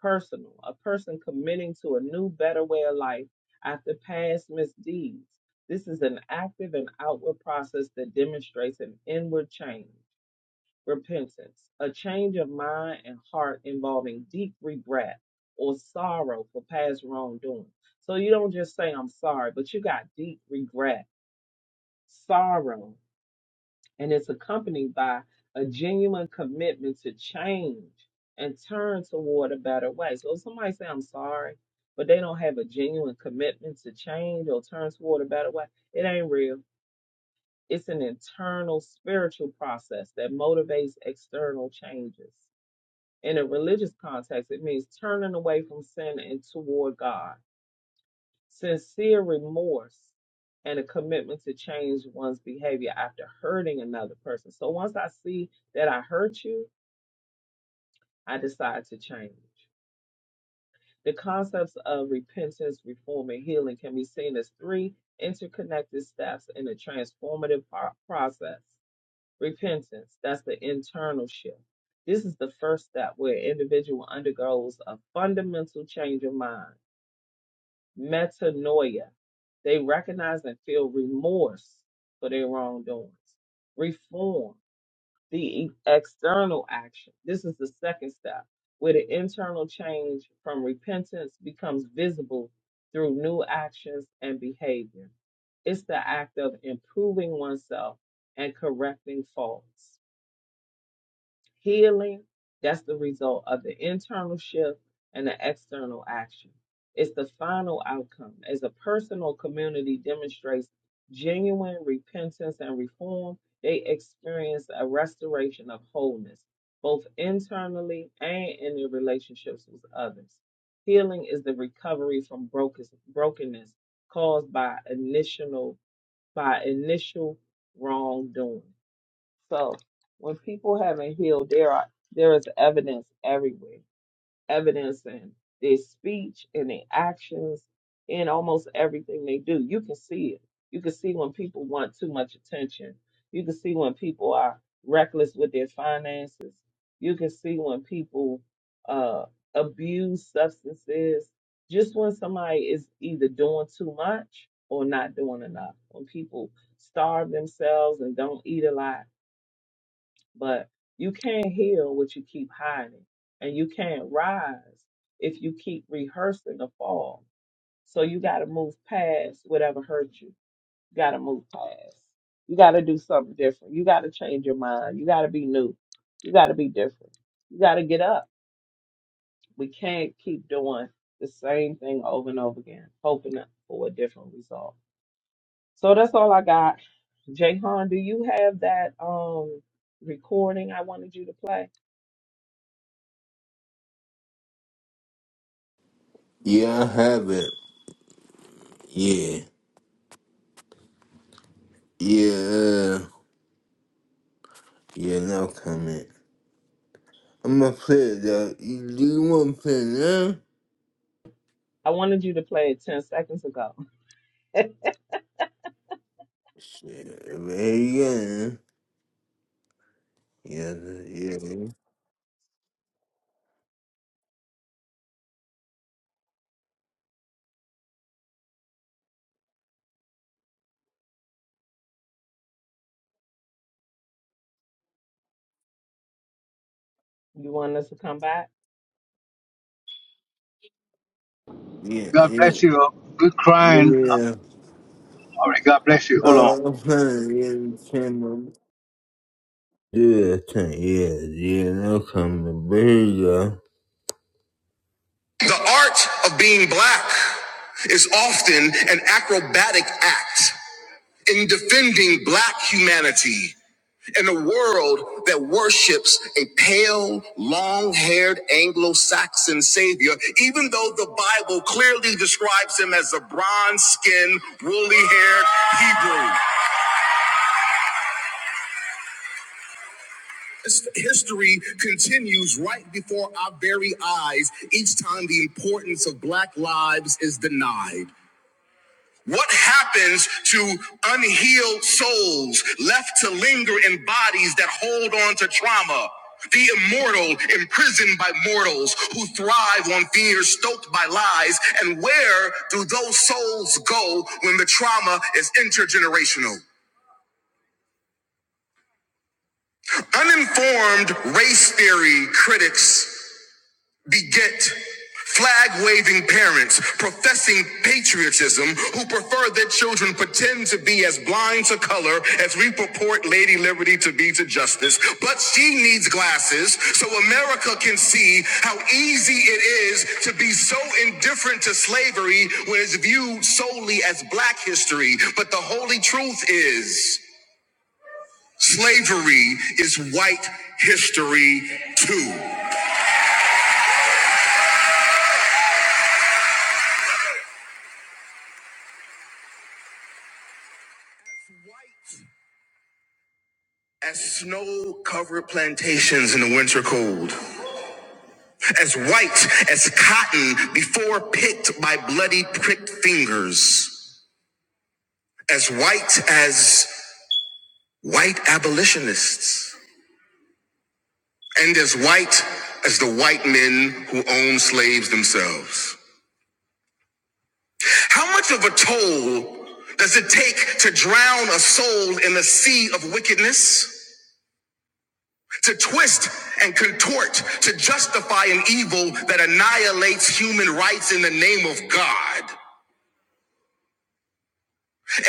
personal, a person committing to a new, better way of life after past misdeeds. This is an active and outward process that demonstrates an inward change, repentance, a change of mind and heart involving deep regret or sorrow for past wrongdoing. So you don't just say, I'm sorry, but you got deep regret, sorrow and is accompanied by a genuine commitment to change and turn toward a better way. So if somebody say I'm sorry, but they don't have a genuine commitment to change or turn toward a better way, it ain't real. It's an internal spiritual process that motivates external changes. In a religious context, it means turning away from sin and toward God Sincere remorse and a commitment to change one's behavior after hurting another person. So once I see that I hurt you, I decide to change. The concepts of repentance, reform, and healing can be seen as three interconnected steps in a transformative par- process. Repentance, that's the internal shift. This is the first step where an individual undergoes a fundamental change of mind metanoia. They recognize and feel remorse for their wrongdoings. Reform, the e- external action. This is the second step, where the internal change from repentance becomes visible through new actions and behavior. It's the act of improving oneself and correcting faults. Healing, that's the result of the internal shift and the external action. It's the final outcome as a personal community demonstrates genuine repentance and reform. They experience a restoration of wholeness, both internally and in their relationships with others. Healing is the recovery from broken- brokenness caused by initial by initial wrongdoing. So when people haven't healed, there are there is evidence everywhere. Evidence in their speech, in their actions, in almost everything they do. You can see it. You can see when people want too much attention. You can see when people are reckless with their finances. You can see when people uh, abuse substances. Just when somebody is either doing too much or not doing enough. When people starve themselves and don't eat a lot but you can't heal what you keep hiding, and you can't rise if you keep rehearsing the fall. So you got to move past whatever hurt you. You got to move past. You got to do something different. You got to change your mind. You got to be new. You got to be different. You got to get up. We can't keep doing the same thing over and over again, hoping for a different result. So that's all I got. Jayhan, do you have that um recording I wanted you to play? Yeah, I have it. Yeah. Yeah. uh, Yeah, no comment. I'm gonna play it though. You- Do you wanna play it now? I wanted you to play it 10 seconds ago. Shit, yeah. Yeah, yeah. You want us to come back? Yeah, God yeah. bless you. Good crying. Yeah. All right, God bless you. Hold on. Uh, I'm playing it in the camera. Yeah, okay, yeah, yeah, no comment. But here you go. The art of being black is often an acrobatic act in defending black humanity. in a world that worships a pale, long haired Anglo Saxon savior, even though the Bible clearly describes him as a bronze skinned, woolly haired Hebrew. His- History continues right before our very eyes each time the importance of black lives is denied. What happens to unhealed souls left to linger in bodies that hold on to trauma? The immortal imprisoned by mortals who thrive on fear stoked by lies. And where do those souls go when the trauma is intergenerational? Uninformed race theory critics beget flag waving parents professing patriotism who prefer that children pretend to be as blind to color as we purport Lady Liberty to be to justice. But she needs glasses so America can see how easy it is to be so indifferent to slavery when it's viewed solely as black history. But the holy truth is slavery is white history too. As snow covered plantations in the winter cold, as white as cotton before picked by bloody pricked fingers, as white as white abolitionists, and as white as the white men who own slaves themselves. How much of a toll does it take to drown a soul in a sea of wickedness? to twist and contort to justify an evil that annihilates human rights in the name of God?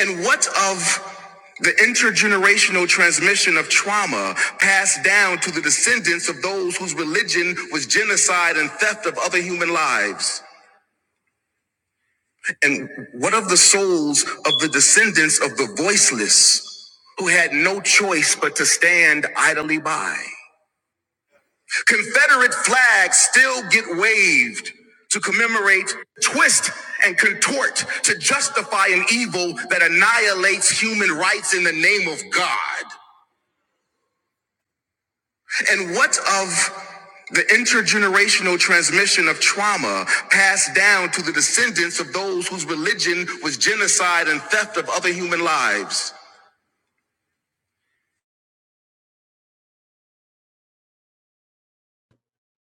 And what of the intergenerational transmission of trauma passed down to the descendants of those whose religion was genocide and theft of other human lives? And what of the souls of the descendants of the voiceless who had no choice but to stand idly by? The Confederate flags still get waved to commemorate, twist, and contort to justify an evil that annihilates human rights in the name of God. And what of the intergenerational transmission of trauma passed down to the descendants of those whose religion was genocide and theft of other human lives?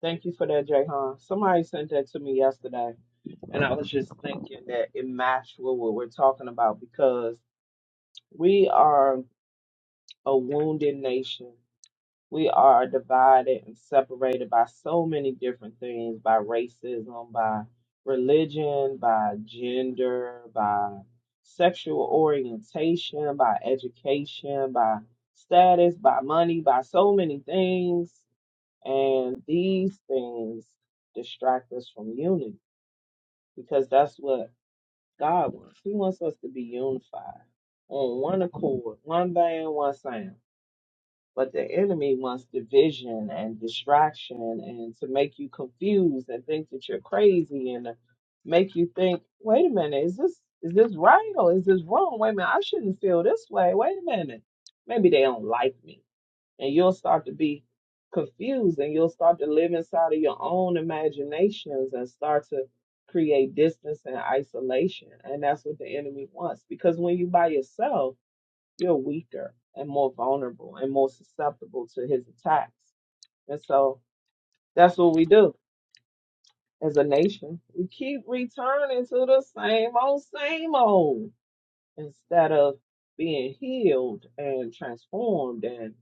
Thank you for that, Jayhan. Somebody sent that to me yesterday, and I was just thinking that it matched with what we're talking about because we are a wounded nation. We are divided and separated by so many different things by racism, by religion, by gender, by sexual orientation, by education, by status, by money, by so many things. And these things distract us from unity because that's what God wants. He wants us to be unified on one accord, one band, one sound. But the enemy wants division and distraction and to make you confused and think that you're crazy and to make you think, wait a minute, is this is this right or is this wrong? Wait a minute, I shouldn't feel this way. Wait a minute. Maybe they don't like me. And you'll start to be confused and you'll start to live inside of your own imaginations and start to create distance and isolation. And that's what the enemy wants. Because when you by yourself, you're weaker and more vulnerable and more susceptible to his attacks. And so that's what we do as a nation. We keep returning to the same old, same old instead of being healed and transformed and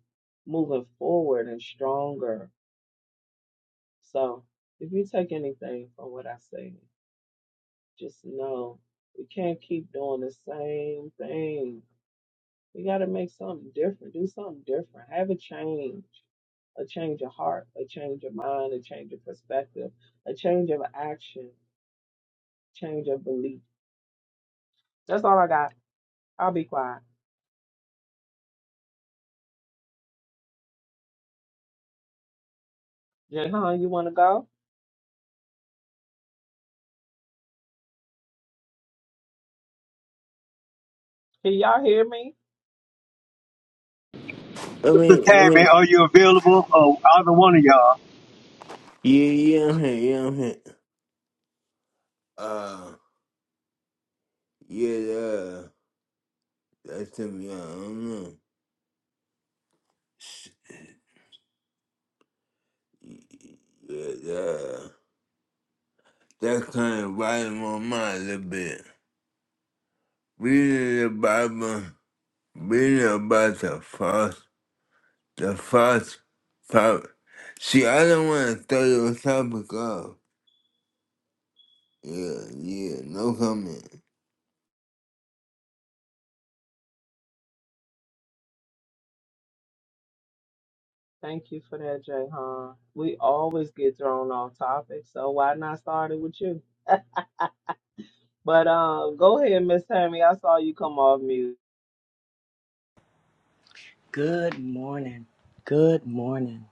moving forward and stronger. So if you take anything from what I say, just know we can't keep doing the same thing You got to make something different. Do something different. Have a change, a change of heart, a change of mind, a change of perspective, a change of action, change of belief. That's all I got. I'll be quiet. Jayhan, you want to go? Can y'all hear me? I Mr. mean, I Tammy, mean, are you available? Oh, either one of y'all. yeah, yeah, I'm here, yeah, I'm here. Uh, yeah, uh, that's him, yeah, I don't know. Yeah, yeah. that kind of volume on my mind a little bit. Reading the Bible, reading about the false, the false prophet. See, I don't want to throw your topic off. Yeah, yeah, no comment. Thank you for that, Jayhan. We always get thrown off topic, so why not start it with you? but um, go ahead, Miss Tammy. I saw you come off mute. Good morning. Good morning.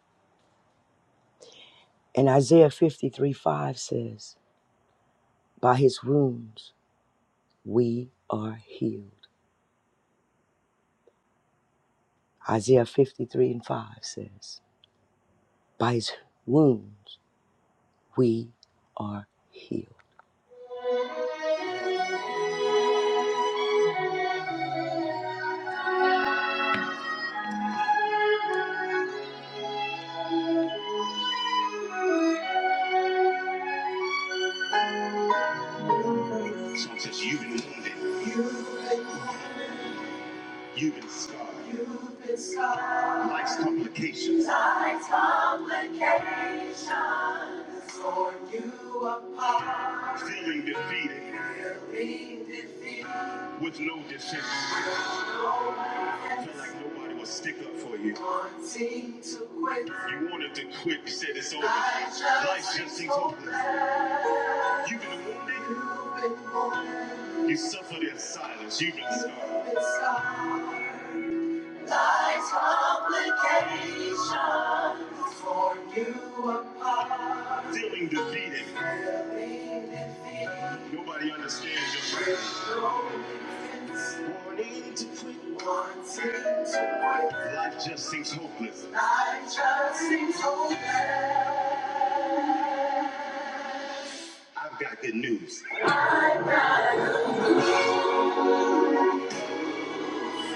And Isaiah 53 5 says, By his wounds we are healed. Isaiah 53 and 5 says, By his wounds we are healed. Someone says, you've been wounded. You've been scarred. You've been scarred. Life's complications. Life's complications. Tore you apart. Feeling defeated. Feeling defeated. With no defense. Yes. Felt like nobody would stick up for you. Wanting to quit. You wanted to quit. You said it's over. just Life just seems hopeless. hopeless. You've been wounded. You've been wounded. You suffered in silence. You've been scarred. You've been scarred. Life's complications torn you apart. Feeling defeated. Feeling defeated. Nobody understands your pain. Wanting to quit. Wanting to quit. Life just seems hopeless. Life just seems hopeless. I've got good news. For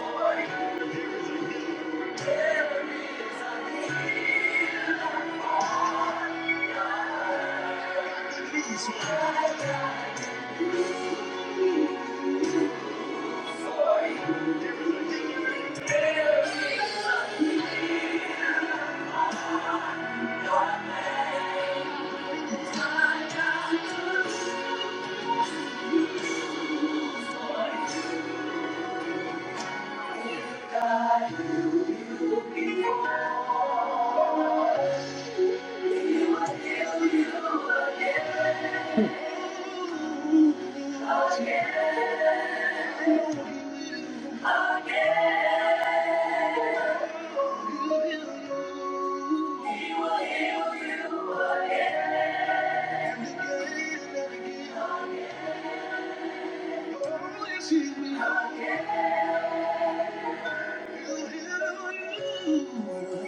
you. There is a healer. There is a healer. for you. There is a healer. There is a healer.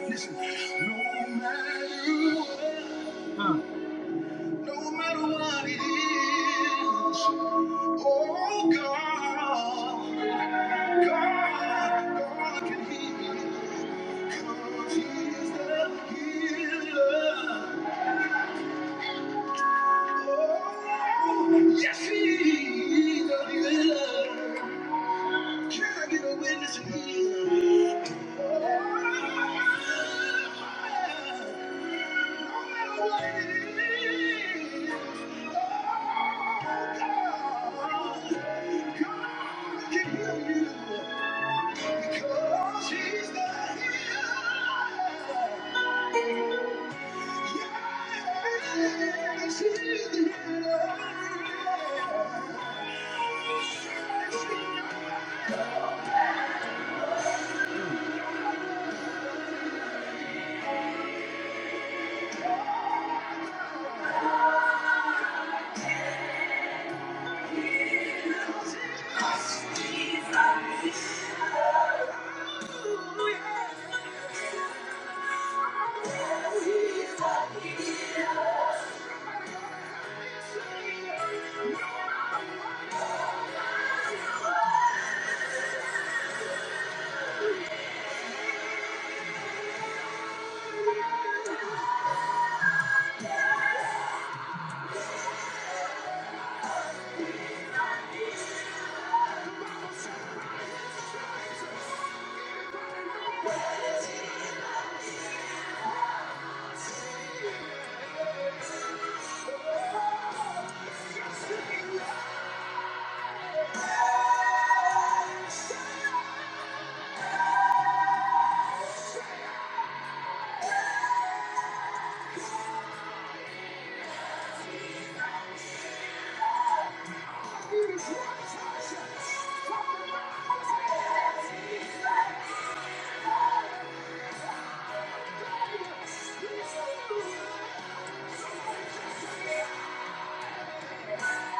Listen, no matter, no matter what it is, oh God, God, God can heal. 'Cause he's the healer. Yes, he is healer. Can I get a witness here? No matter what it is, oh God, Oh, God can heal you because He's the healer. Yes, he's the Thank you.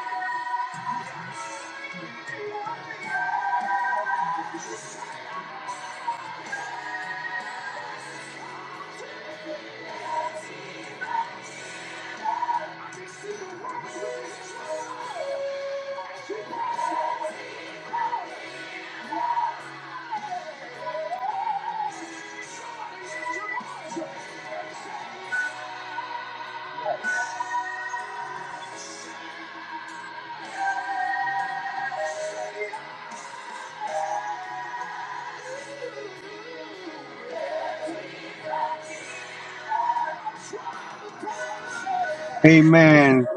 Amen.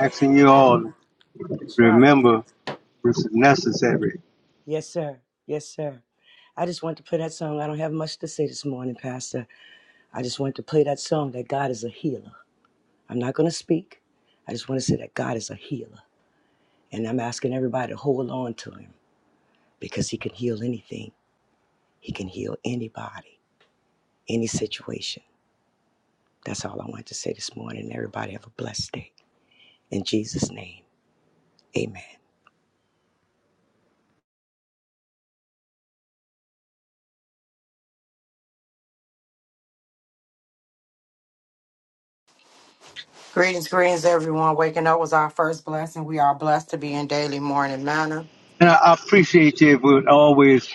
Asking you all to That's right. remember this is necessary. Yes, sir. Yes, sir. I just want to play that song. I don't have much to say this morning, Pastor. I just want to play that song that God is a healer. I'm not going to speak. I just want to say that God is a healer. And I'm asking everybody to hold on to him because he can heal anything. He can heal anybody, any situation. That's all I wanted to say this morning. Everybody have a blessed day. In Jesus' name, amen. Greetings, greetings, everyone. Waking up was our first blessing. We are blessed to be in daily morning manner. And I I appreciate you if would always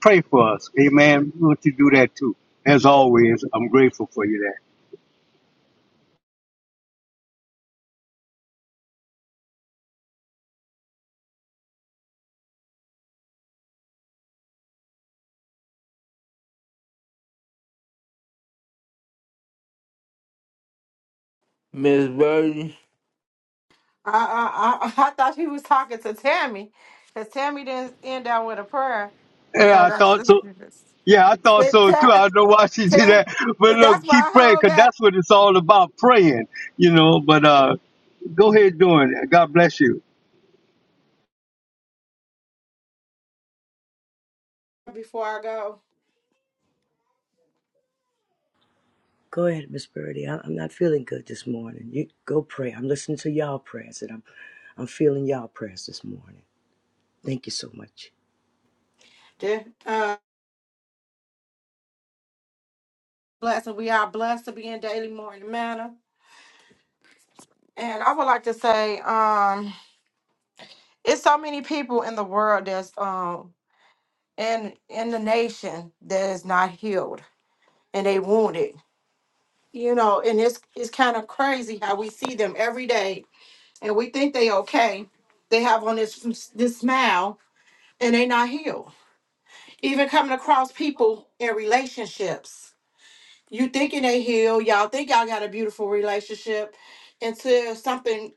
pray for us. Amen. We want you to do that too. As always, I'm grateful for you Miss Birdie? I, I, I, I thought he was talking to Tammy, because Tammy didn't end out with a prayer. there. Yeah, So I that's thought so. Yeah, I thought so too. Ta- I don't know why she did Ta- that. But that's look, why keep I praying hold because back that's what it's all about praying, you know. But uh, go ahead doing it. God bless you. before I go. Go ahead, Miss Birdie. I- am not feeling good this morning. You go pray. I'm listening to y'all prayers and I'm, I'm feeling y'all prayers this morning. Thank you so much. The, Uh, blessing, we are blessed to be in daily morning manner. And I would like to say, um, it's so many people in the world that's um in in the nation that is not healed and they wounded. You know, and it's it's kind of crazy how we see them every day, and we think they okay. They have on this this smile, and they not healed. Even coming across people in relationships, you thinking they healed, y'all think y'all got a beautiful relationship, until something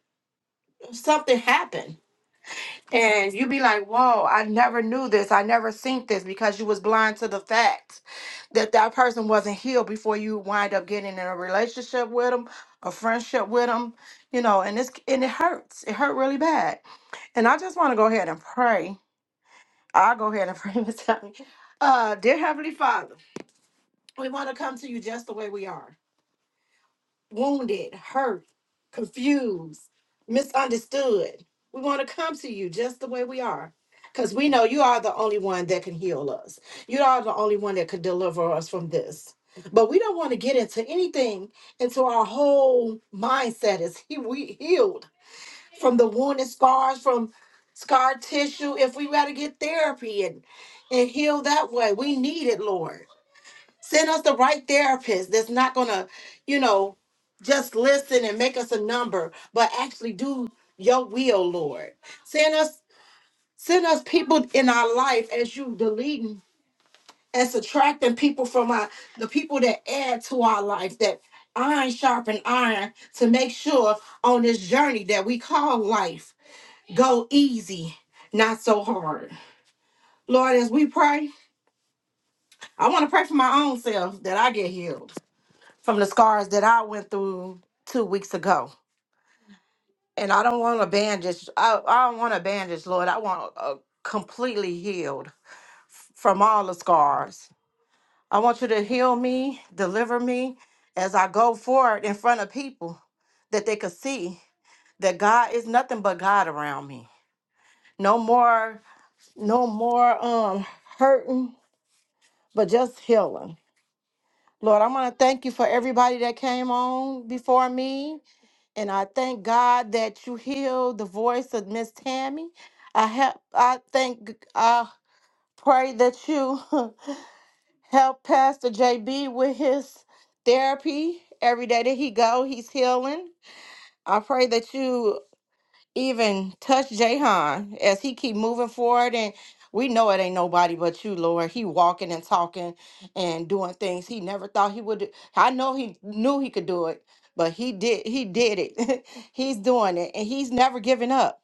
something happened And you be like, whoa, I never knew this. I never seen this because you was blind to the fact that that person wasn't healed before you wind up getting in a relationship with them, a friendship with them, you know, and it's, and it hurts. It hurt really bad. And I just want to go ahead and pray. I'll go ahead and pray, Miss Tammy. Uh, dear Heavenly Father, we want to come to you just the way we are wounded, hurt, confused, misunderstood. We want to come to you just the way we are. Because we know you are the only one that can heal us. You are the only one that could deliver us from this. But we don't want to get into anything until our whole mindset is he- we healed from the wounded scars, from scar tissue. If we got to get therapy and, and heal that way, we need it, Lord. Send us the right therapist that's not going to, you know, just listen and make us a number, but actually do your will, Lord. Send us send us people in our life as you deleting and subtracting people from our the people that add to our life that iron sharpen iron to make sure on this journey that we call life go easy, not so hard. Lord, as we pray, I want to pray for my own self that I get healed. from the scars that I went through two weeks ago. And I don't want a bandage. I, I don't want a bandage, Lord. I want a completely healed f- from all the scars. I want you to heal me, deliver me as I go forward in front of people that they could see that God is nothing but God around me. No more, no more um hurting, but just healing. Lord, I want to thank you for everybody that came on before me. And I thank God that you healed the voice of Miss Tammy. I help. I thank. I pray that you help Pastor JB with his therapy every day that he go. He's healing. I pray that you even touch Jahan as he keep moving forward and we know it ain't nobody but you, Lord. He walking and talking and doing things he never thought he would do. I know he knew he could do it, but he did he did it. he's doing it and he's never giving up.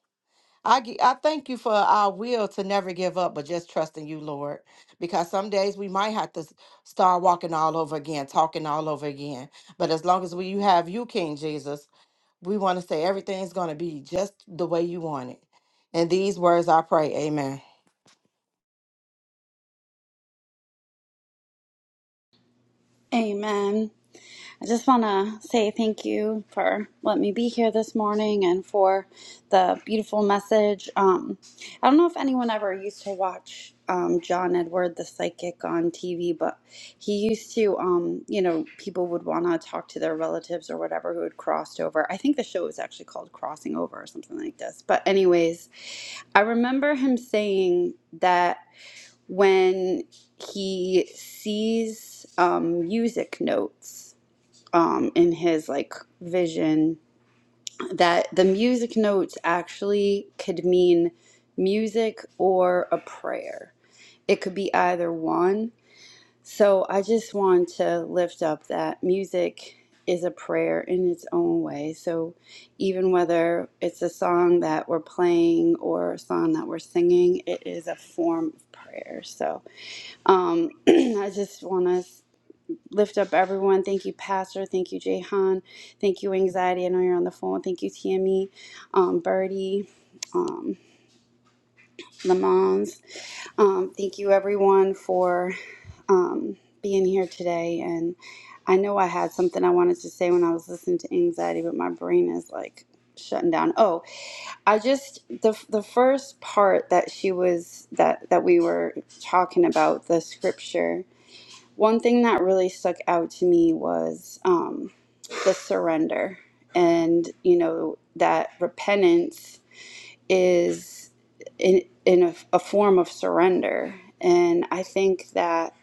I, gi- I thank you for our will to never give up, but just trusting you, Lord. Because some days we might have to s- start walking all over again, talking all over again. But as long as we you have you, King Jesus, we want to say everything's going to be just the way you want it. In these words, I pray. Amen. Amen. I just want to say thank you for letting me be here this morning and for the beautiful message. Um, I don't know if anyone ever used to watch um, John Edward the psychic on TV, but he used to, um, you know, people would want to talk to their relatives or whatever who had crossed over. I think the show was actually called Crossing Over or something like this. But, anyways, I remember him saying that when he sees um, music notes um, in his like vision that the music notes actually could mean music or a prayer. It could be either one. So I just want to lift up that music is a prayer in its own way. So even whether it's a song that we're playing or a song that we're singing, it is a form of prayer. So um, I just want to lift up everyone. Thank you, Pastor. Thank you, Jehan. Thank you, Anxiety. I know you're on the phone. Thank you, Tammy, um, Birdie, um, Lamons. Um, thank you, everyone, for um, being here today. And I know I had something I wanted to say when I was listening to Anxiety, but my brain is like shutting down. Oh, I just the the first part that she was that that we were talking about the scripture one thing that really stuck out to me was um, the surrender, and you know that repentance is in in a, a form of surrender, and I think that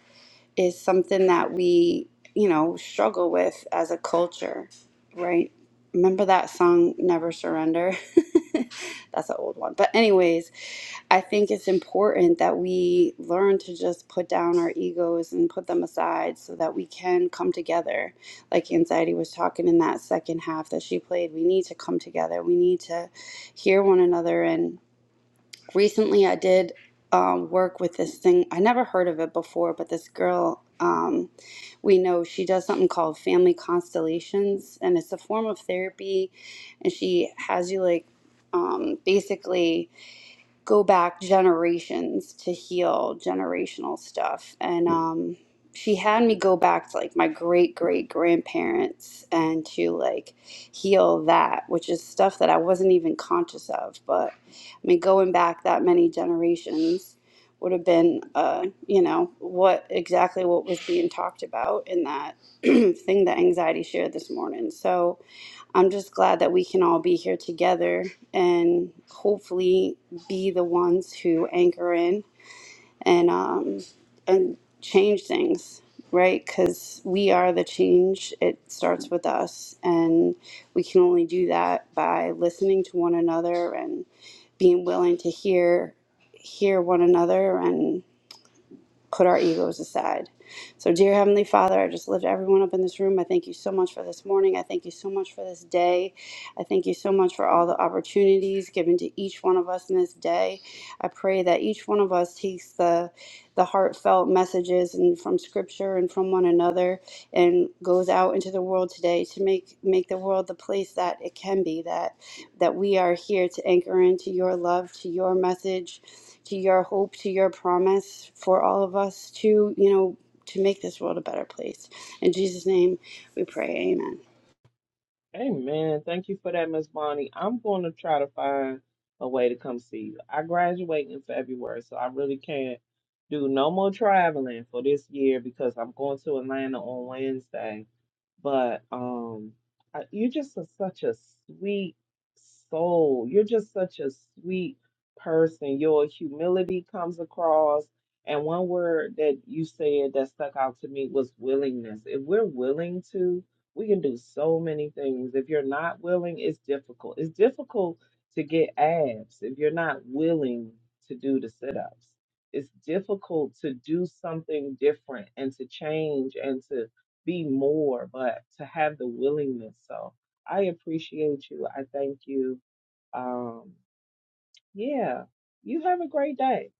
is something that we, you know, struggle with as a culture, right? Remember that song, Never Surrender? That's an old one. But, anyways, I think it's important that we learn to just put down our egos and put them aside so that we can come together. Like Anxiety was talking in that second half that she played, we need to come together. We need to hear one another and recently I did um, work with this thing. I never heard of it before, but this girl um, we know she does something called family constellations, and it's a form of therapy. And she has you like um, basically go back generations to heal generational stuff. And um, she had me go back to like my great great grandparents and to like heal that, which is stuff that I wasn't even conscious of. But I mean, going back that many generations would have been, uh, you know, what exactly what was being talked about in that thing that anxiety shared this morning. So, I'm just glad that we can all be here together and hopefully be the ones who anchor in and um, and change things, right? Because we are the change. It starts with us, and we can only do that by listening to one another and being willing to hear hear one another put our egos aside. So, dear Heavenly Father, I just lift everyone up in this room. I thank you so much for this morning. I thank you so much for this day. I thank you so much for all the opportunities given to each one of us in this day. I pray that each one of us takes the the heartfelt messages and from scripture and from one another and goes out into the world today to make make the world the place that it can be That that we are here to anchor into your love, to your message, to your hope, to your promise for all of us to, you know, to make this world a better place. In Jesus' name we pray. Amen. Amen. Thank you for that, Miss Bonnie. I'm going to try to find a way to come see you. I graduate in February, so I really can't do no more traveling for this year because I'm going to Atlanta on Wednesday. But um, I, you're just a, such a sweet soul. You're just such a sweet person. Your humility comes across. And one word that you said that stuck out to me was willingness. If we're willing to, we can do so many things. If you're not willing, it's difficult. It's difficult to get abs if you're not willing to do the sit ups. It's difficult to do something different and to change and to be more, but to have the willingness. So I appreciate you. I thank you. Um, yeah, you have a great day.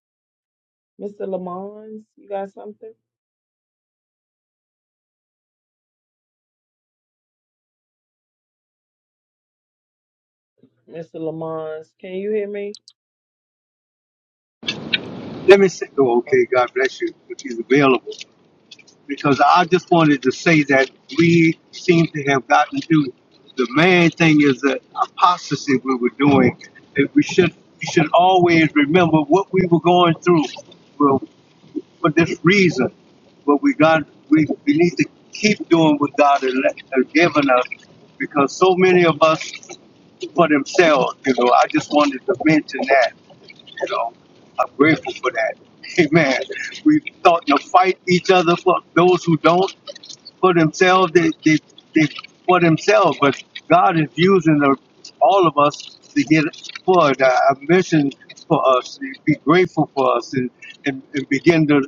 Mr. Lamons, you got something? Mr. Lamons, can you hear me? Let me say, oh, Oh, okay, God bless you if he's available. Yeah, Because I just wanted to say that we seem to have gotten to the main thing is the apostasy we were doing. That we should we should always remember what we were going through for, for this reason. But we got we, we need to keep doing what God has let- has given us because so many of us for themselves, you know, I just wanted to mention that so I'm grateful for that. Amen. We start to fight each other for those who don't for themselves. They, they, they for themselves, but God is using the, all of us to get forward a a mission for us. Be grateful for us and, and, and begin to.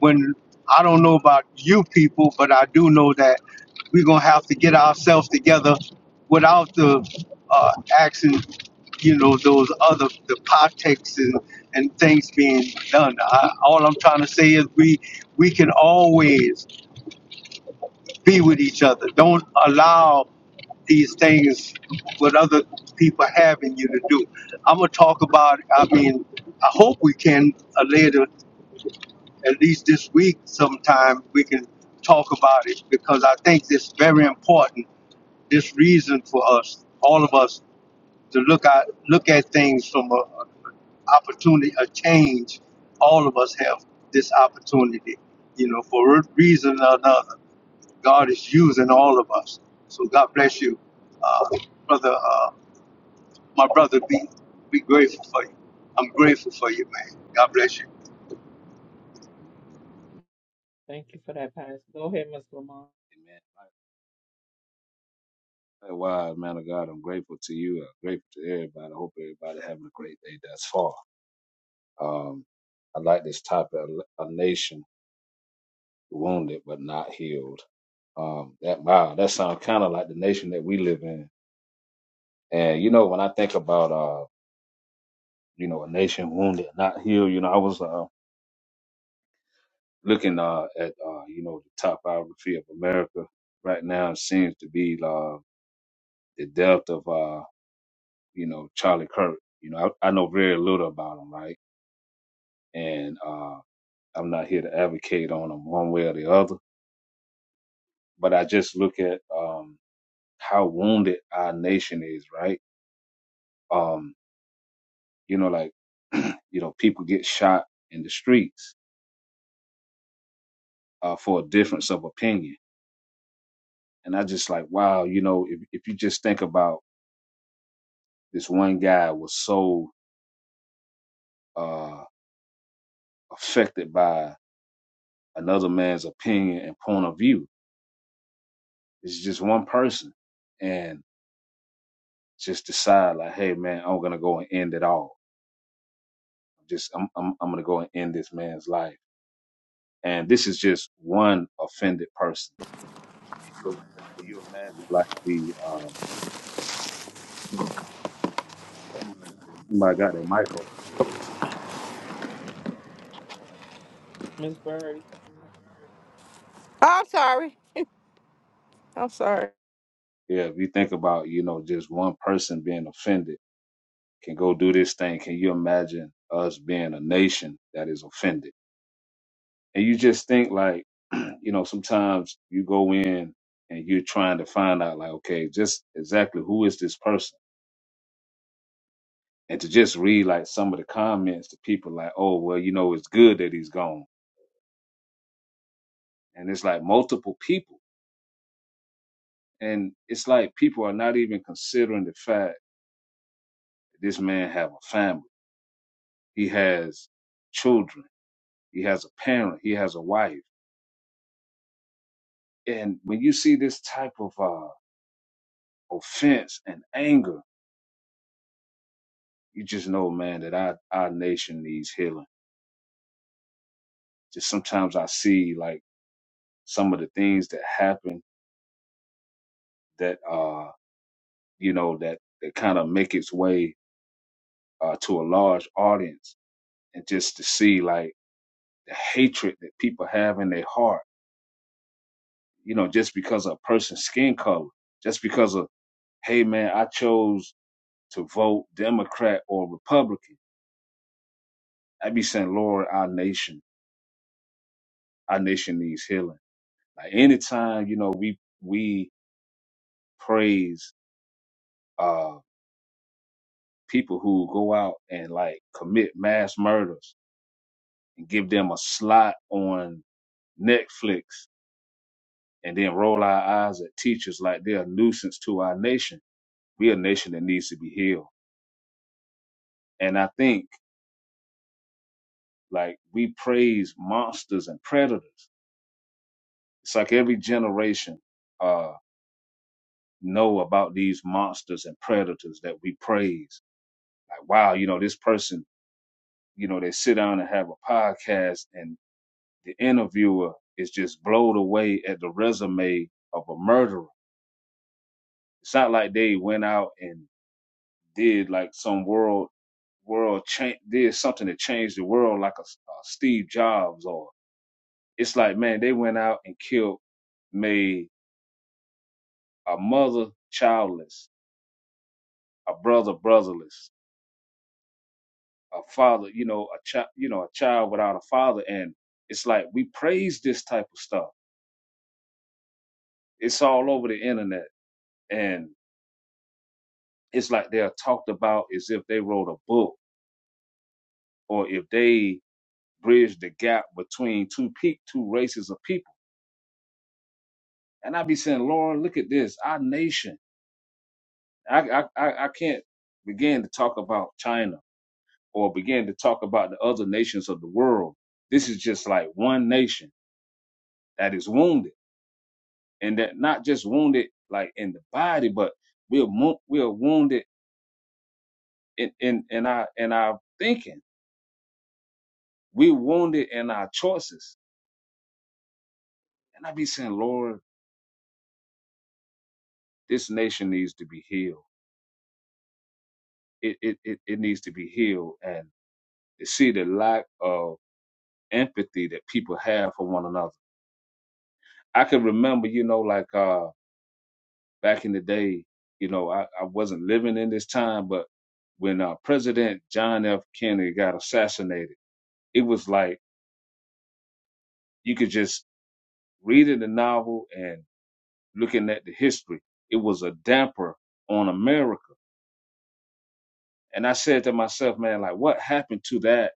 When I don't know about you people, but I do know that we're gonna have to get ourselves together without the uh, action. You know those other the politics and, and things being done. I, all I'm trying to say is we we can always be with each other. Don't allow these things what other people having you to do. I'm gonna talk about. I mean, I hope we can uh, later, at least this week, sometime we can talk about it because I think it's very important. This reason for us, all of us, to look at look at things from a, a opportunity, a change. All of us have this opportunity, you know, for a reason or another God is using all of us. So God bless you, uh, brother. Uh, my brother, be be grateful for you. I'm grateful for you, man. God bless you, thank you for that pass. Go ahead, Mr. Lamont. man. Hey, Wow, man of God, I'm grateful to you. I'm grateful to everybody. I hope everybody having a great day thus far. Um, I like this topic: a a nation wounded but not healed. Um, that wow, that sounds kind of like the nation that we live in. And you know, when I think about uh, you know, a nation wounded and not healed, you know, I was uh looking uh at uh you know the top biography of America right now. It seems to be uh the death of uh you know, Charlie Kirk. You know, I, I know very little about him, right? And uh, I'm not here to advocate on him one way or the other, but I just look at um, how wounded our nation is, right? Um, you know, like, you know, people get shot in the streets uh, for a difference of opinion. And I just like, wow, you know, if, if you just think about this one guy was so uh, affected by another man's opinion and point of view, it's just one person. And just decide like, hey man, I'm gonna go and end it all. Just I'm I'm I'm gonna go and end this man's life. And this is just one offended person. Can you imagine like the um oh my God that Michael. Miss Birdie. I'm sorry. I'm sorry. Yeah, if you think about, you know, just one person being offended can go do this thing. Can you imagine us being a nation that is offended? And you just think like, you know, sometimes you go in and you're trying to find out like, okay, just exactly who is this person? and to just read like some of the comments to people like, oh, well, you know, it's good that he's gone. And it's like multiple people. And it's like people are not even considering the fact that this man have a family. He has children. He has a parent. He has a wife. And when you see this type of uh, offense and anger, you just know, man, that our, our nation needs healing. Just sometimes I see like some of the things that happen that, uh, you know, that, that kind of make its way uh, to a large audience and just to see like the hatred that people have in their heart, you know, just because of a person's skin color, just because of, hey man, I chose to vote Democrat or Republican. I'd be saying, Lord, our nation, our nation needs healing. Like anytime, you know, we, we praise, uh, people who go out and like commit mass murders and give them a slot on Netflix and then roll our eyes at teachers like they're a nuisance to our nation. We a nation that needs to be healed. And I think like we praise monsters and predators. It's like every generation uh know about these monsters and predators that we praise. Like, wow, you know, this person, you know, they sit down and have a podcast and the interviewer is just blown away at the resume of a murderer. It's not like they went out and did like some world world change did something that changed the world like a, a Steve Jobs or it's like man they went out and killed made a mother childless a brother brotherless a father you know a child you know a child without a father and it's like we praise this type of stuff it's all over the internet and it's like they're talked about as if they wrote a book or if they bridged the gap between two pe- two races of people And I be saying, Lord, look at this, our nation. I, I, I I can't begin to talk about China or begin to talk about the other nations of the world. This is just like one nation that is wounded, and that not just wounded like in the body, but we're mo- we're wounded in, in in our in our thinking. We're wounded in our choices. And I be saying, Lord, this nation needs to be healed. It it it, it needs to be healed, and to see the lack of empathy that people have for one another. I can remember, you know, like uh, back in the day, you know, I, I wasn't living in this time, but when uh, President John F. Kennedy got assassinated, it was like you could just read in the novel and looking at the history, it was a damper on America. And I said to myself, man, like what happened to that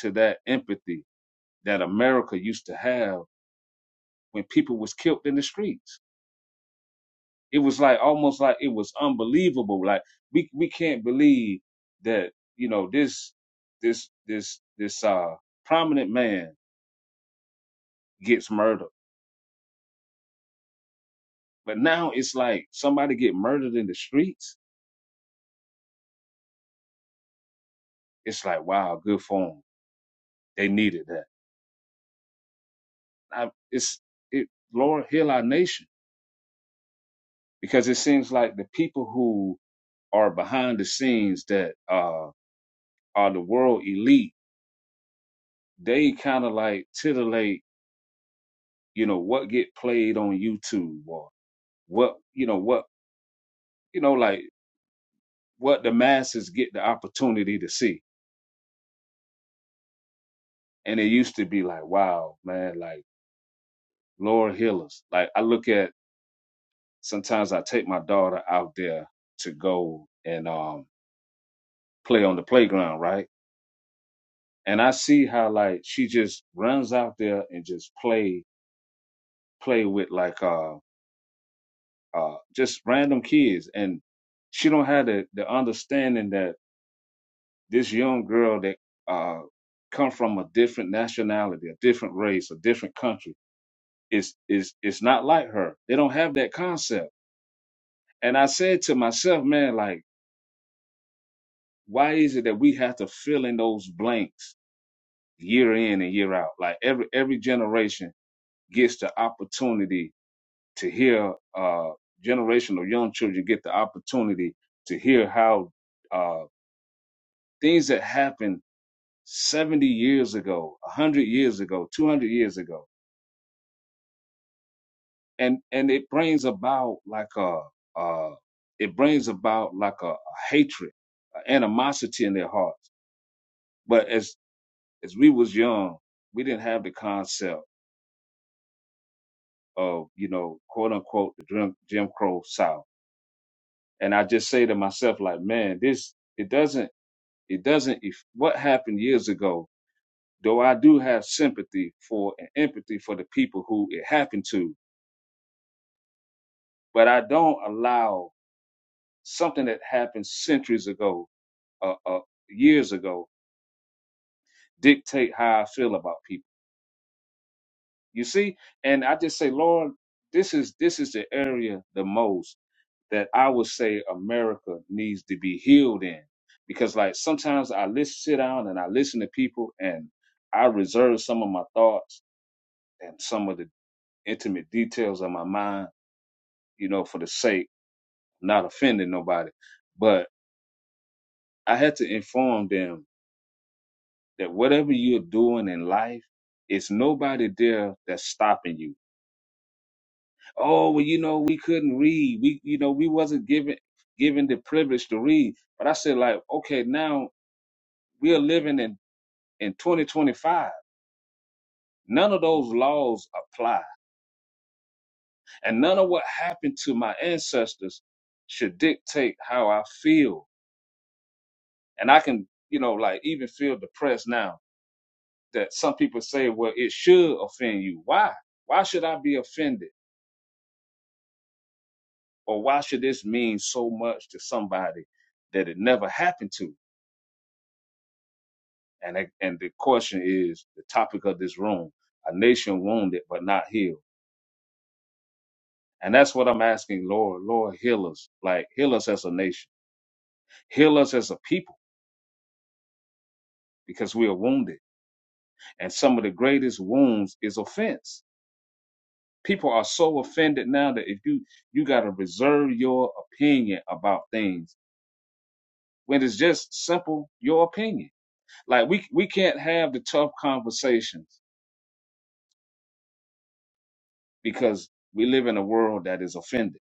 to that empathy that America used to have when people was killed in the streets? It was like almost like it was unbelievable. Like we we can't believe that you know this this this this uh prominent man gets murdered. But now it's like somebody get murdered in the streets. It's like wow, good for them. They needed that. I, it's it Lord heal our nation because it seems like the people who are behind the scenes that uh are the world elite. They kind of like titillate you know what get played on YouTube or. what you know what you know like what the masses get the opportunity to see and it used to be like wow man like Laura Hillers like I look at sometimes I take my daughter out there to go and um play on the playground right and I see how like she just runs out there and just play play with like uh uh just random kids and she don't have the the understanding that this young girl that uh come from a different nationality, a different race, a different country. is is it's not like her. They don't have that concept. And I said to myself, man, like, why is it that we have to fill in those blanks year in and year out? Like every every generation gets the opportunity to hear uh generation of young children get the opportunity to hear how uh things that happened 70 years ago, 100 years ago, 200 years ago and and it brings about like a uh it brings about like a, a hatred a animosity in their hearts but as as we was young we didn't have the concept of you know quote unquote the jim, jim crow south and i just say to myself like man this it doesn't it doesn't if what happened years ago though i do have sympathy for and empathy for the people who it happened to but i don't allow something that happened centuries ago uh, uh, years ago dictate how I feel about people. You see, and I just say, Lord, this is this is the area the most that I would say America needs to be healed in, because like sometimes I listen, sit down, and I listen to people, and I reserve some of my thoughts and some of the intimate details of my mind, you know, for the sake not offending nobody, but I had to inform them that whatever you're doing in life, it's nobody there that's stopping you. Oh, well, you know, we couldn't read. We, you know, we wasn't given given the privilege to read. But I said, like, okay, now we're living in in 2025. None of those laws apply, and none of what happened to my ancestors should dictate how I feel. And I can, you know, like even feel depressed now that some people say, well, it should offend you. Why? Why should I be offended? Or why should this mean so much to somebody that it never happened to? And I- and the question is the topic of this room: a nation wounded but not healed. And that's what I'm asking, Lord. Lord, heal us. Like heal us as a nation. Heal us as a people because we are wounded. And some of the greatest wounds is offense. People are so offended now that if you you got to reserve your opinion about things when it's just simple your opinion. Like we we can't have the tough conversations because we live in a world that is offended.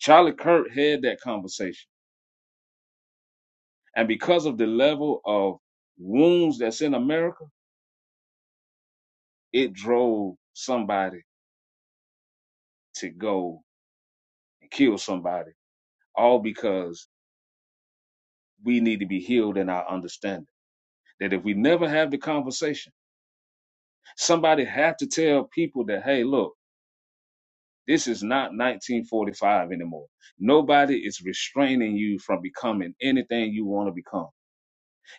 Charlie Kirk had that conversation. And because of the level of wounds that's in America, it drove somebody to go and kill somebody, all because we need to be healed in our understanding. That if we never have the conversation, somebody have to tell people that, hey, look, this is not 1945 anymore. Nobody is restraining you from becoming anything you want to become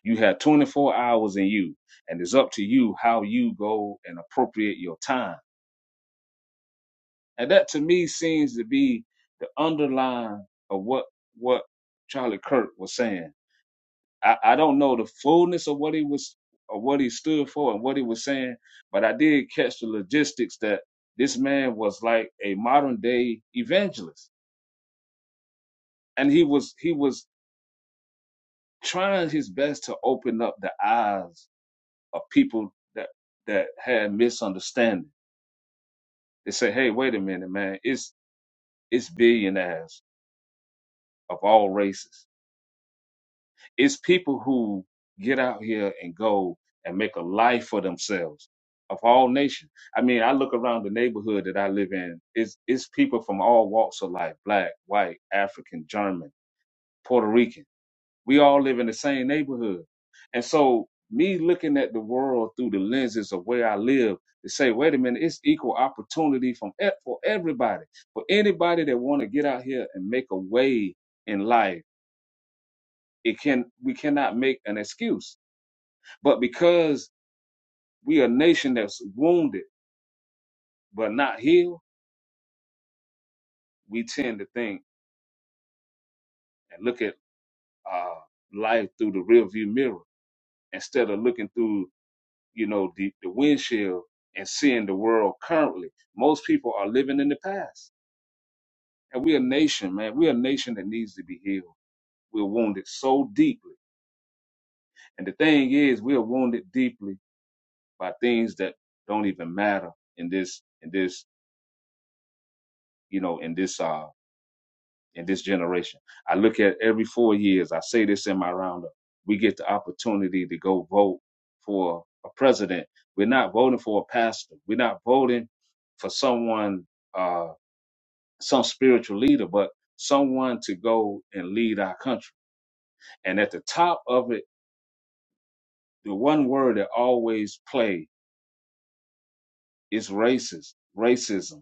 You have 24 hours in you, and it's up to you how you go and appropriate your time. And that to me seems to be the underline of what what Charlie Kirk was saying. I, I don't know the fullness of what he was of what he stood for and what he was saying, but I did catch the logistics that this man was like a modern day evangelist. And he was he was trying his best to open up the eyes of people that that had misunderstanding They say, hey, wait a minute, man. It's it's billionaires of all races. It's people who get out here and go and make a life for themselves of all nations. I mean, I look around the neighborhood that I live in. It's it's people from all walks of life: black, white, African, German, Puerto Rican. We all live in the same neighborhood. And so me looking at the world through the lenses of where I live to say, wait a minute, it's equal opportunity from e- for everybody. For anybody that want to get out here and make a way in life, it can we cannot make an excuse. But because we are a nation that's wounded but not healed, we tend to think and look at uh, life through the rearview mirror instead of looking through you know, the, the windshield and seeing the world currently. Most people are living in the past. And we're a nation, man. We're a nation that needs to be healed. We're wounded so deeply. And the thing is, we're wounded deeply by things that don't even matter in this, in this, you know, in this, uh, in this generation. I look at every four years, I say this in my roundup, we get the opportunity to go vote for a president. We're not voting for a pastor. We're not voting for someone uh, some spiritual leader, but someone to go and lead our country. And at the top of it, the one word that always play is racist, racism.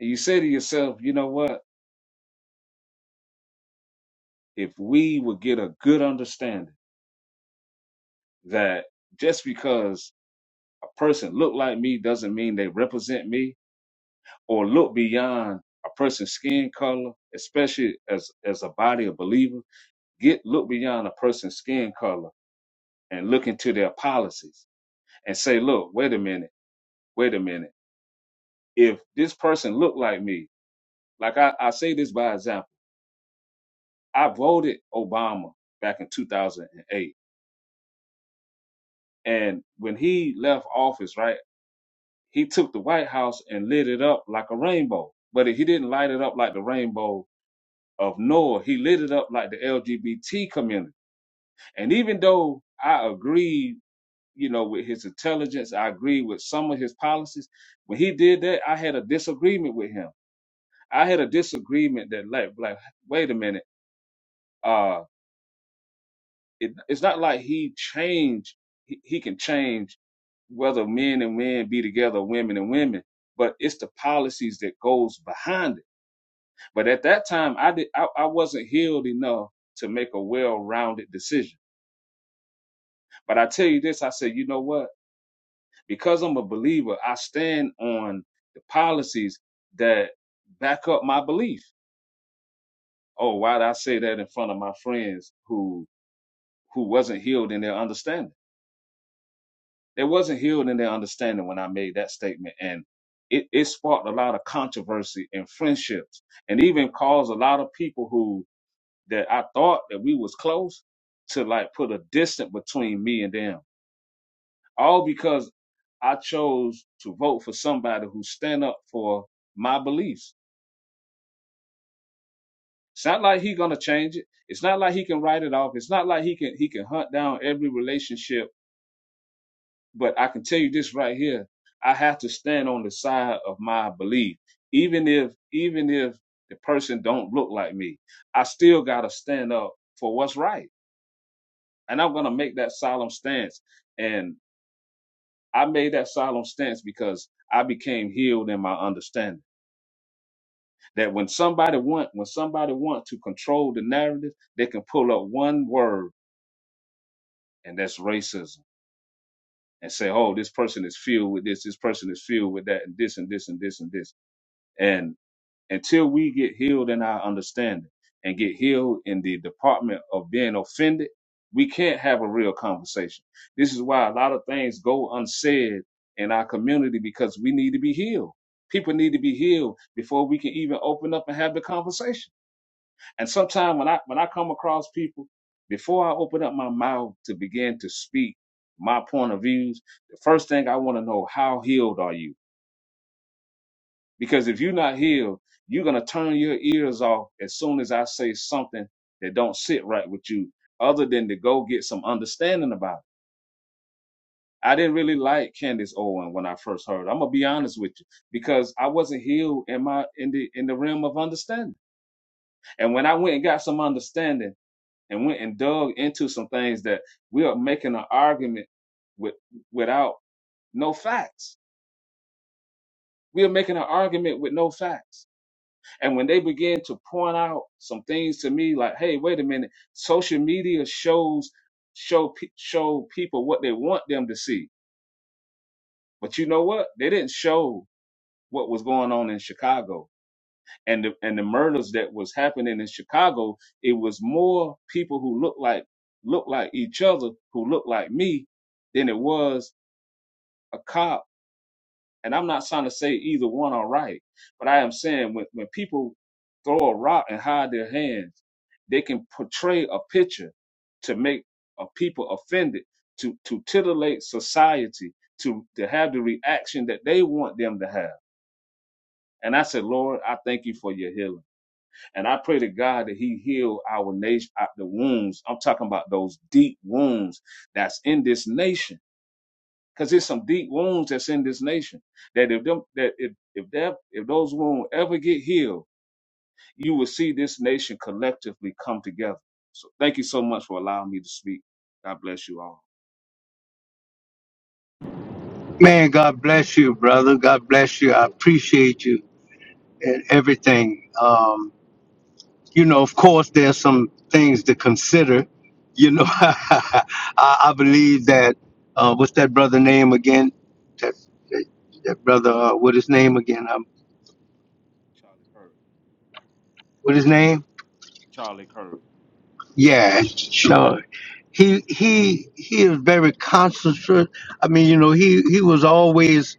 And you say to yourself, you know what? If we would get a good understanding that just because a person look like me doesn't mean they represent me or look beyond a person's skin color, especially as, as a body of believers, get look beyond a person's skin color and look into their policies and say, look, wait a minute, wait a minute. If this person looked like me, like I, I say this by example, I voted Obama back in 2008. And when he left office, right, he took the White House and lit it up like a rainbow. But he didn't light it up like the rainbow of Noah. He lit it up like the LGBT community. And even though I agreed, you know, with his intelligence, I agreed with some of his policies. When he did that, I had a disagreement with him I had a disagreement that like like wait a minute, uh, it, it's not like he changed. He, he can change whether men and men be together, women and women, but it's the policies that goes behind it. But at that time, I did I, I wasn't healed enough to make a well-rounded decision. But I tell you this, I said, you know what? Because I'm a believer, I stand on the policies that back up my belief. Oh, why did I say that in front of my friends who who wasn't healed in their understanding. They wasn't healed in their understanding when I made that statement, and it, it sparked a lot of controversy and friendships, and even caused a lot of people who that I thought that we was close to like put a distance between me and them, all because I chose to vote for somebody who stand up for my beliefs. It's not like he gonna change it. It's not like he can write it off. It's not like he can he can hunt down every relationship But I can tell you this right here. I have to stand on the side of my belief. Even if even if the person don't look like me, I still gotta stand up for what's right. And I'm gonna make that solemn stance. And I made that solemn stance because I became healed in my understanding. That when somebody want when somebody want to control the narrative, they can pull up one word and that's racism and say, oh, this person is filled with this, this person is filled with that, and this and this and this and this. until we get healed in our understanding and get healed in the department of being offended, we can't have a real conversation. This is why a lot of things go unsaid in our community because we need to be healed. People need to be healed before we can even open up and have the conversation. And sometimes when I when I come across people, before I open up my mouth to begin to speak my point of views, the first thing I want to know, how healed are you? Because if you're not healed, you're gonna turn your ears off as soon as I say something that don't sit right with you, other than to go get some understanding about it. I didn't really like Candace Owen when I first heard. her. I'm gonna be honest with you, because I wasn't healed in my in the in the realm of understanding. And when I went and got some understanding and went and dug into some things that we are making an argument with without no facts. We are making an argument with no facts And when they begin to point out some things to me, like, "Hey, wait a minute! Social media shows show pe- show people what they want them to see, but you know what? They didn't show what was going on in Chicago and the, and the murders that was happening in Chicago. It was more people who looked like looked like each other, who looked like me, than it was a cop And I'm not trying to say either one are right, but I am saying when, when people throw a rock and hide their hands, they can portray a picture to make a people offended, to to titillate society, to to have the reaction that they want them to have. And I said, Lord, I thank you for your healing. And I pray to God that He heal our nation, uh, the wounds. I'm talking about those deep wounds that's in this nation because there's some deep wounds that's in this nation. That if them that if if that if those wounds ever get healed, you will see this nation collectively come together. So thank you so much for allowing me to speak. God bless you all. man. God bless you, brother. God bless you. I appreciate you and everything. Um, you know, of course, there's some things to consider. You know, I, I believe that uh, what's that brother name again? That that, that brother, uh, what his name again? Um, Charlie Kirk. what his name? Charlie Kirk. Yeah, Sean. he he he is very concentrate. I mean, you know, he he was always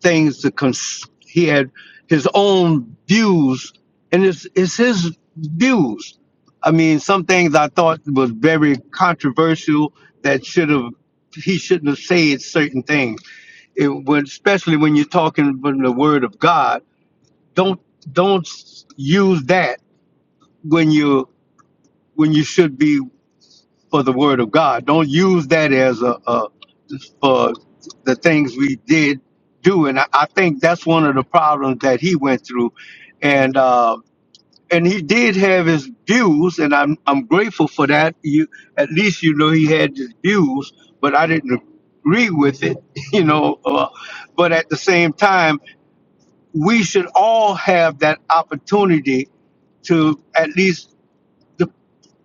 things to cons. He had his own views, and it's it's his views. I mean, some things I thought was very controversial that should have he shouldn't have said certain things. It when especially when you're talking from the word of God, don't don't use that when you when you should be for the word of God. Don't use that as a, a for the things we did do. And I, I think that's one of the problems that he went through. And uh, and he did have his views, and I'm I'm grateful for that. You at least you know he had his views, but I didn't agree with it, you know. Uh, but at the same time, we should all have that opportunity to at least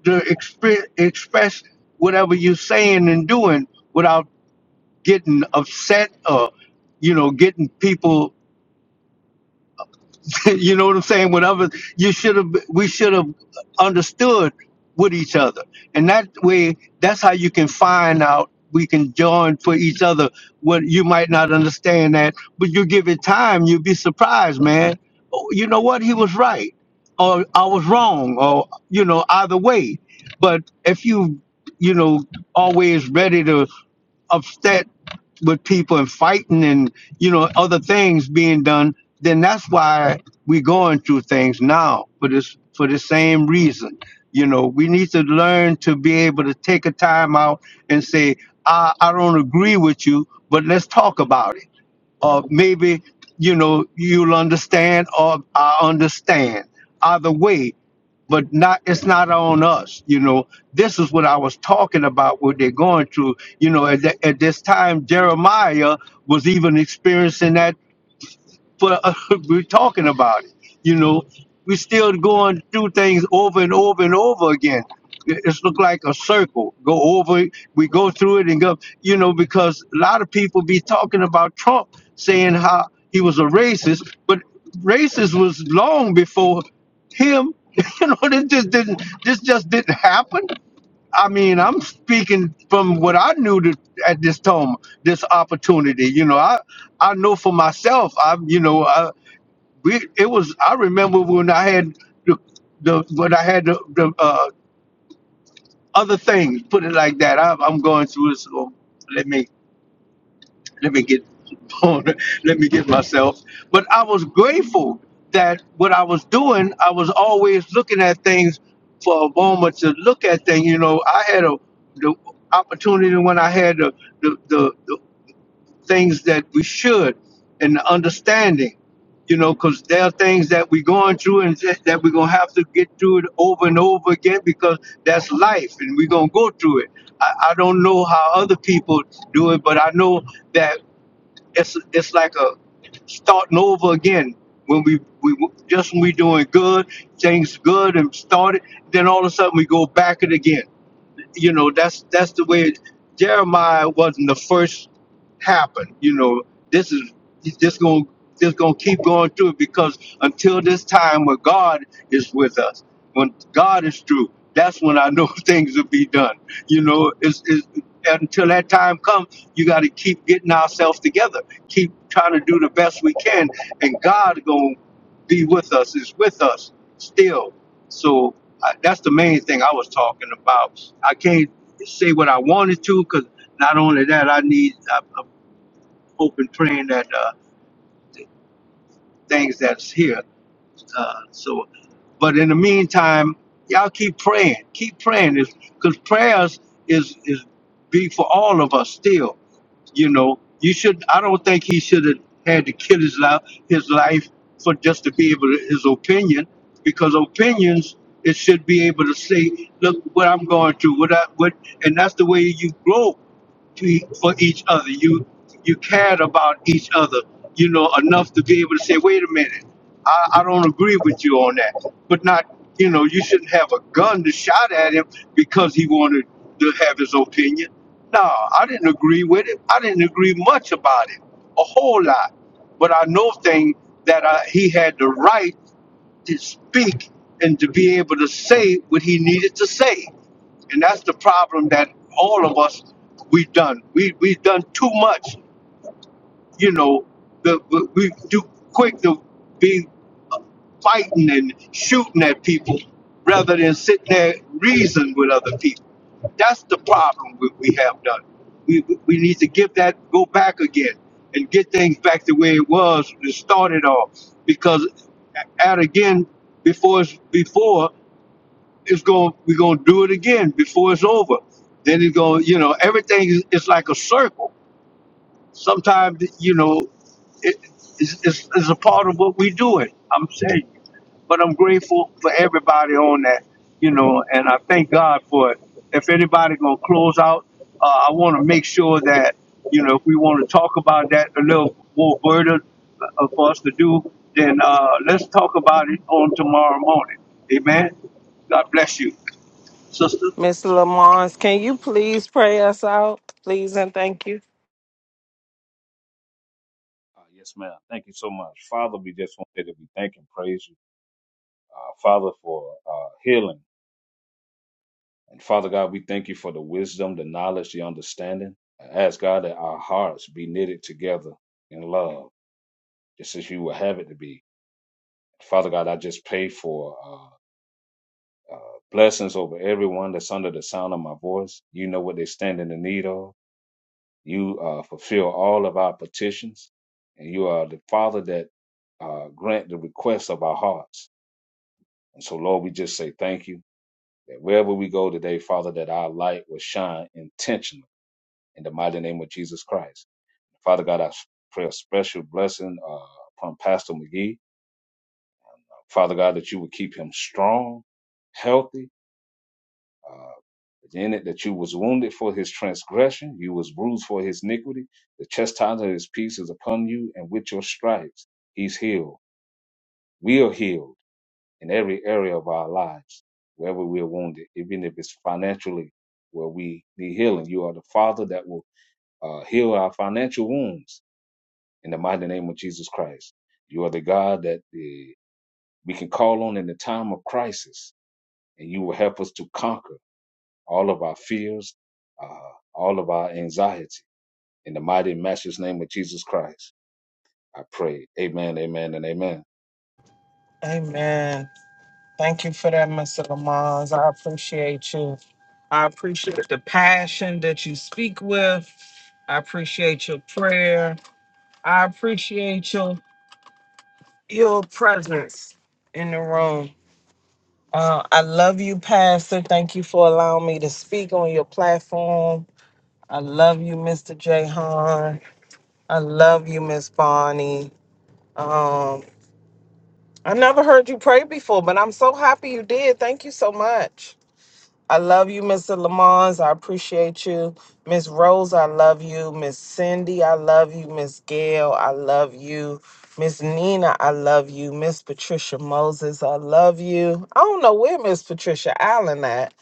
to exp- express whatever you're saying and doing without getting upset or you know getting people you know what I'm saying? Whatever you should have, we should have understood with each other, and that way, that's how you can find out. We can join for each other. What you might not understand that, but you give it time, you'll be surprised, man. Oh, You know what? He was right, or I was wrong, or you know, either way. But if you, you know, always ready to upset with people and fighting and you know other things being done, then that's why we're going through things now for this for the same reason. You know, we need to learn to be able to take a time out and say, I, I don't agree with you, but let's talk about it. Or maybe, you know, you'll understand or I understand. Either way, but not it's not on us you know this is what i was talking about what they're going through you know at, that at this time jeremiah was even experiencing that but uh, we're talking about it. You know, we're still going through things over and over and over again. It- It's look like a circle. Go over it. We go through it and go. You know, because a lot of people be talking about Trump saying how he was a racist, but racist was long before him. You know, this just didn't. This just didn't happen. I mean, I'm speaking from what I knew to, at this time, this opportunity. You know, I I know for myself. I you know, I, we, it was. I remember when I had the the when I had the, the uh, other things. Put it like that. I, I'm going through this. oh, Let me let me get let me get myself but i was grateful that what i was doing i was always looking at things for a moment to look at things you know i had a the opportunity when i had the the, the, the things that we should and the understanding you know because there are things that we're going through and that that we're going to have to get through it over and over again because that's life and we're going to go through it I, I don't know how other people do it but i know that it's it's like a starting over again. When we we just when we doing good, things good and started, then all of a sudden we go back it again you know that's that's the way it- Jeremiah wasn't the first happen. You know this is this going to this going to keep going through it because until this time where God is with us, when God is through, that's when I know things will be done. You know, it's, it's until that time comes, you got to keep getting ourselves together, keep trying to do the best we can, and God going to be with us. Is with us still. So I, that's the main thing I was talking about. I can't say what I wanted to because not only that, I need i I'm hoping, praying that uh, things that's here. Uh, so, but in the meantime, y'all keep praying, keep praying, because prayers is is big for all of us still You know, you should. I don't think he should have had to kill his life, his life for just to be able to, his opinion, because opinions it should be able to say, look what I'm going through, what I what, and that's the way you grow to e- for each other. You you cared about each other, you know, enough to be able to say, wait a minute, I, I don't agree with you on that. But not, you know, you shouldn't have a gun to shot at him because he wanted to have his opinion. No, I didn't agree with it. I didn't agree much about it, a whole lot. But I know thing that I, he had the right to speak and to be able to say what he needed to say. And that's the problem that all of us we've done. We we've done too much you know, the, we we do quick to be fighting and shooting at people rather than sitting there reason with other people. That's the problem we, we have done. We, we need to give that, go back again and get things back the way it was when it started off. Because at again, before it's before, it's going we're gonna do it again before it's over. Then it's going, you know, everything is, is like a circle Sometimes, you know, it, it's, it's, it's a part of what we doing. I'm saying, but I'm grateful for everybody on that, you know, and I thank God for it. If anybody gonna close out, uh, I want to make sure that you know if we want to talk about that a little more further uh, for us to do, then uh, let's talk about it on tomorrow morning. Amen. God bless you, sister. Miss Lamont, can you please pray us out? Please and thank you. Uh, yes, ma'am. Thank you so much. Father, we just wanted to be thank and praise you. Uh, Father, for uh, healing. And Father God, we thank you for the wisdom, the knowledge, the understanding. I ask God that our hearts be knitted together in love, just as you would have it to be. Father God, I just pray for uh, uh, blessings over everyone that's under the sound of my voice. You know what they stand in the need of. You uh, fulfill all of our petitions, and you are the Father that uh, grant the requests of our hearts. And so, Lord, we just say thank you that wherever we go today, Father, that our light will shine intentionally in the mighty name of Jesus Christ. Father God, I pray a special blessing uh, upon Pastor McGee. Father God, that you would keep him strong, healthy, uh, in it that you was wounded for his transgression, you was bruised for his iniquity. The chastisement of his peace is upon you, and with your stripes he's healed. We are healed in every area of our lives, wherever we are wounded, even if it's financially where we need healing. You are the Father that will uh, heal our financial wounds in the mighty name of Jesus Christ. You are the God that uh, we can call on in the time of crisis, and you will help us to conquer. all of our fears, uh, all of our anxiety. In the mighty, matchless name of Jesus Christ, I pray. Amen, amen, and amen. Amen. Thank you for that, Mr. Lamont. I appreciate you. I appreciate the passion that you speak with. I appreciate your prayer. I appreciate your your presence in the room. Uh, I love you, Pastor. Thank you for allowing me to speak on your platform. I love you, Mr. Jahan. I love you, Miss Bonnie. Um, I never heard you pray before, but I'm so happy you did. Thank you so much. I love you, Mr. Lamons. I appreciate you. Miss Rose, I love you. Miss Cindy, I love you. Miss Gail, I love you. Miss Nina, I love you. Miss Patricia Moses, I love you. I don't know where Miss Patricia Allen at.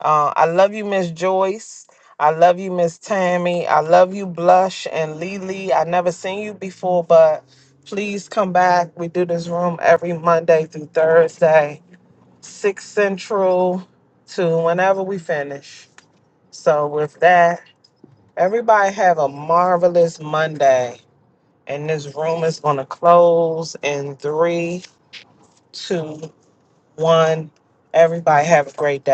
Uh, I love you, Miss Joyce. I love you, Miss Tammy. I love you, Blush and Lily. I never seen you before, but please come back. We do this room every Monday through Thursday six central to whenever we finish. So with that, everybody have a marvelous Monday. And this room is gonna close in three, two, one. Everybody have a great day.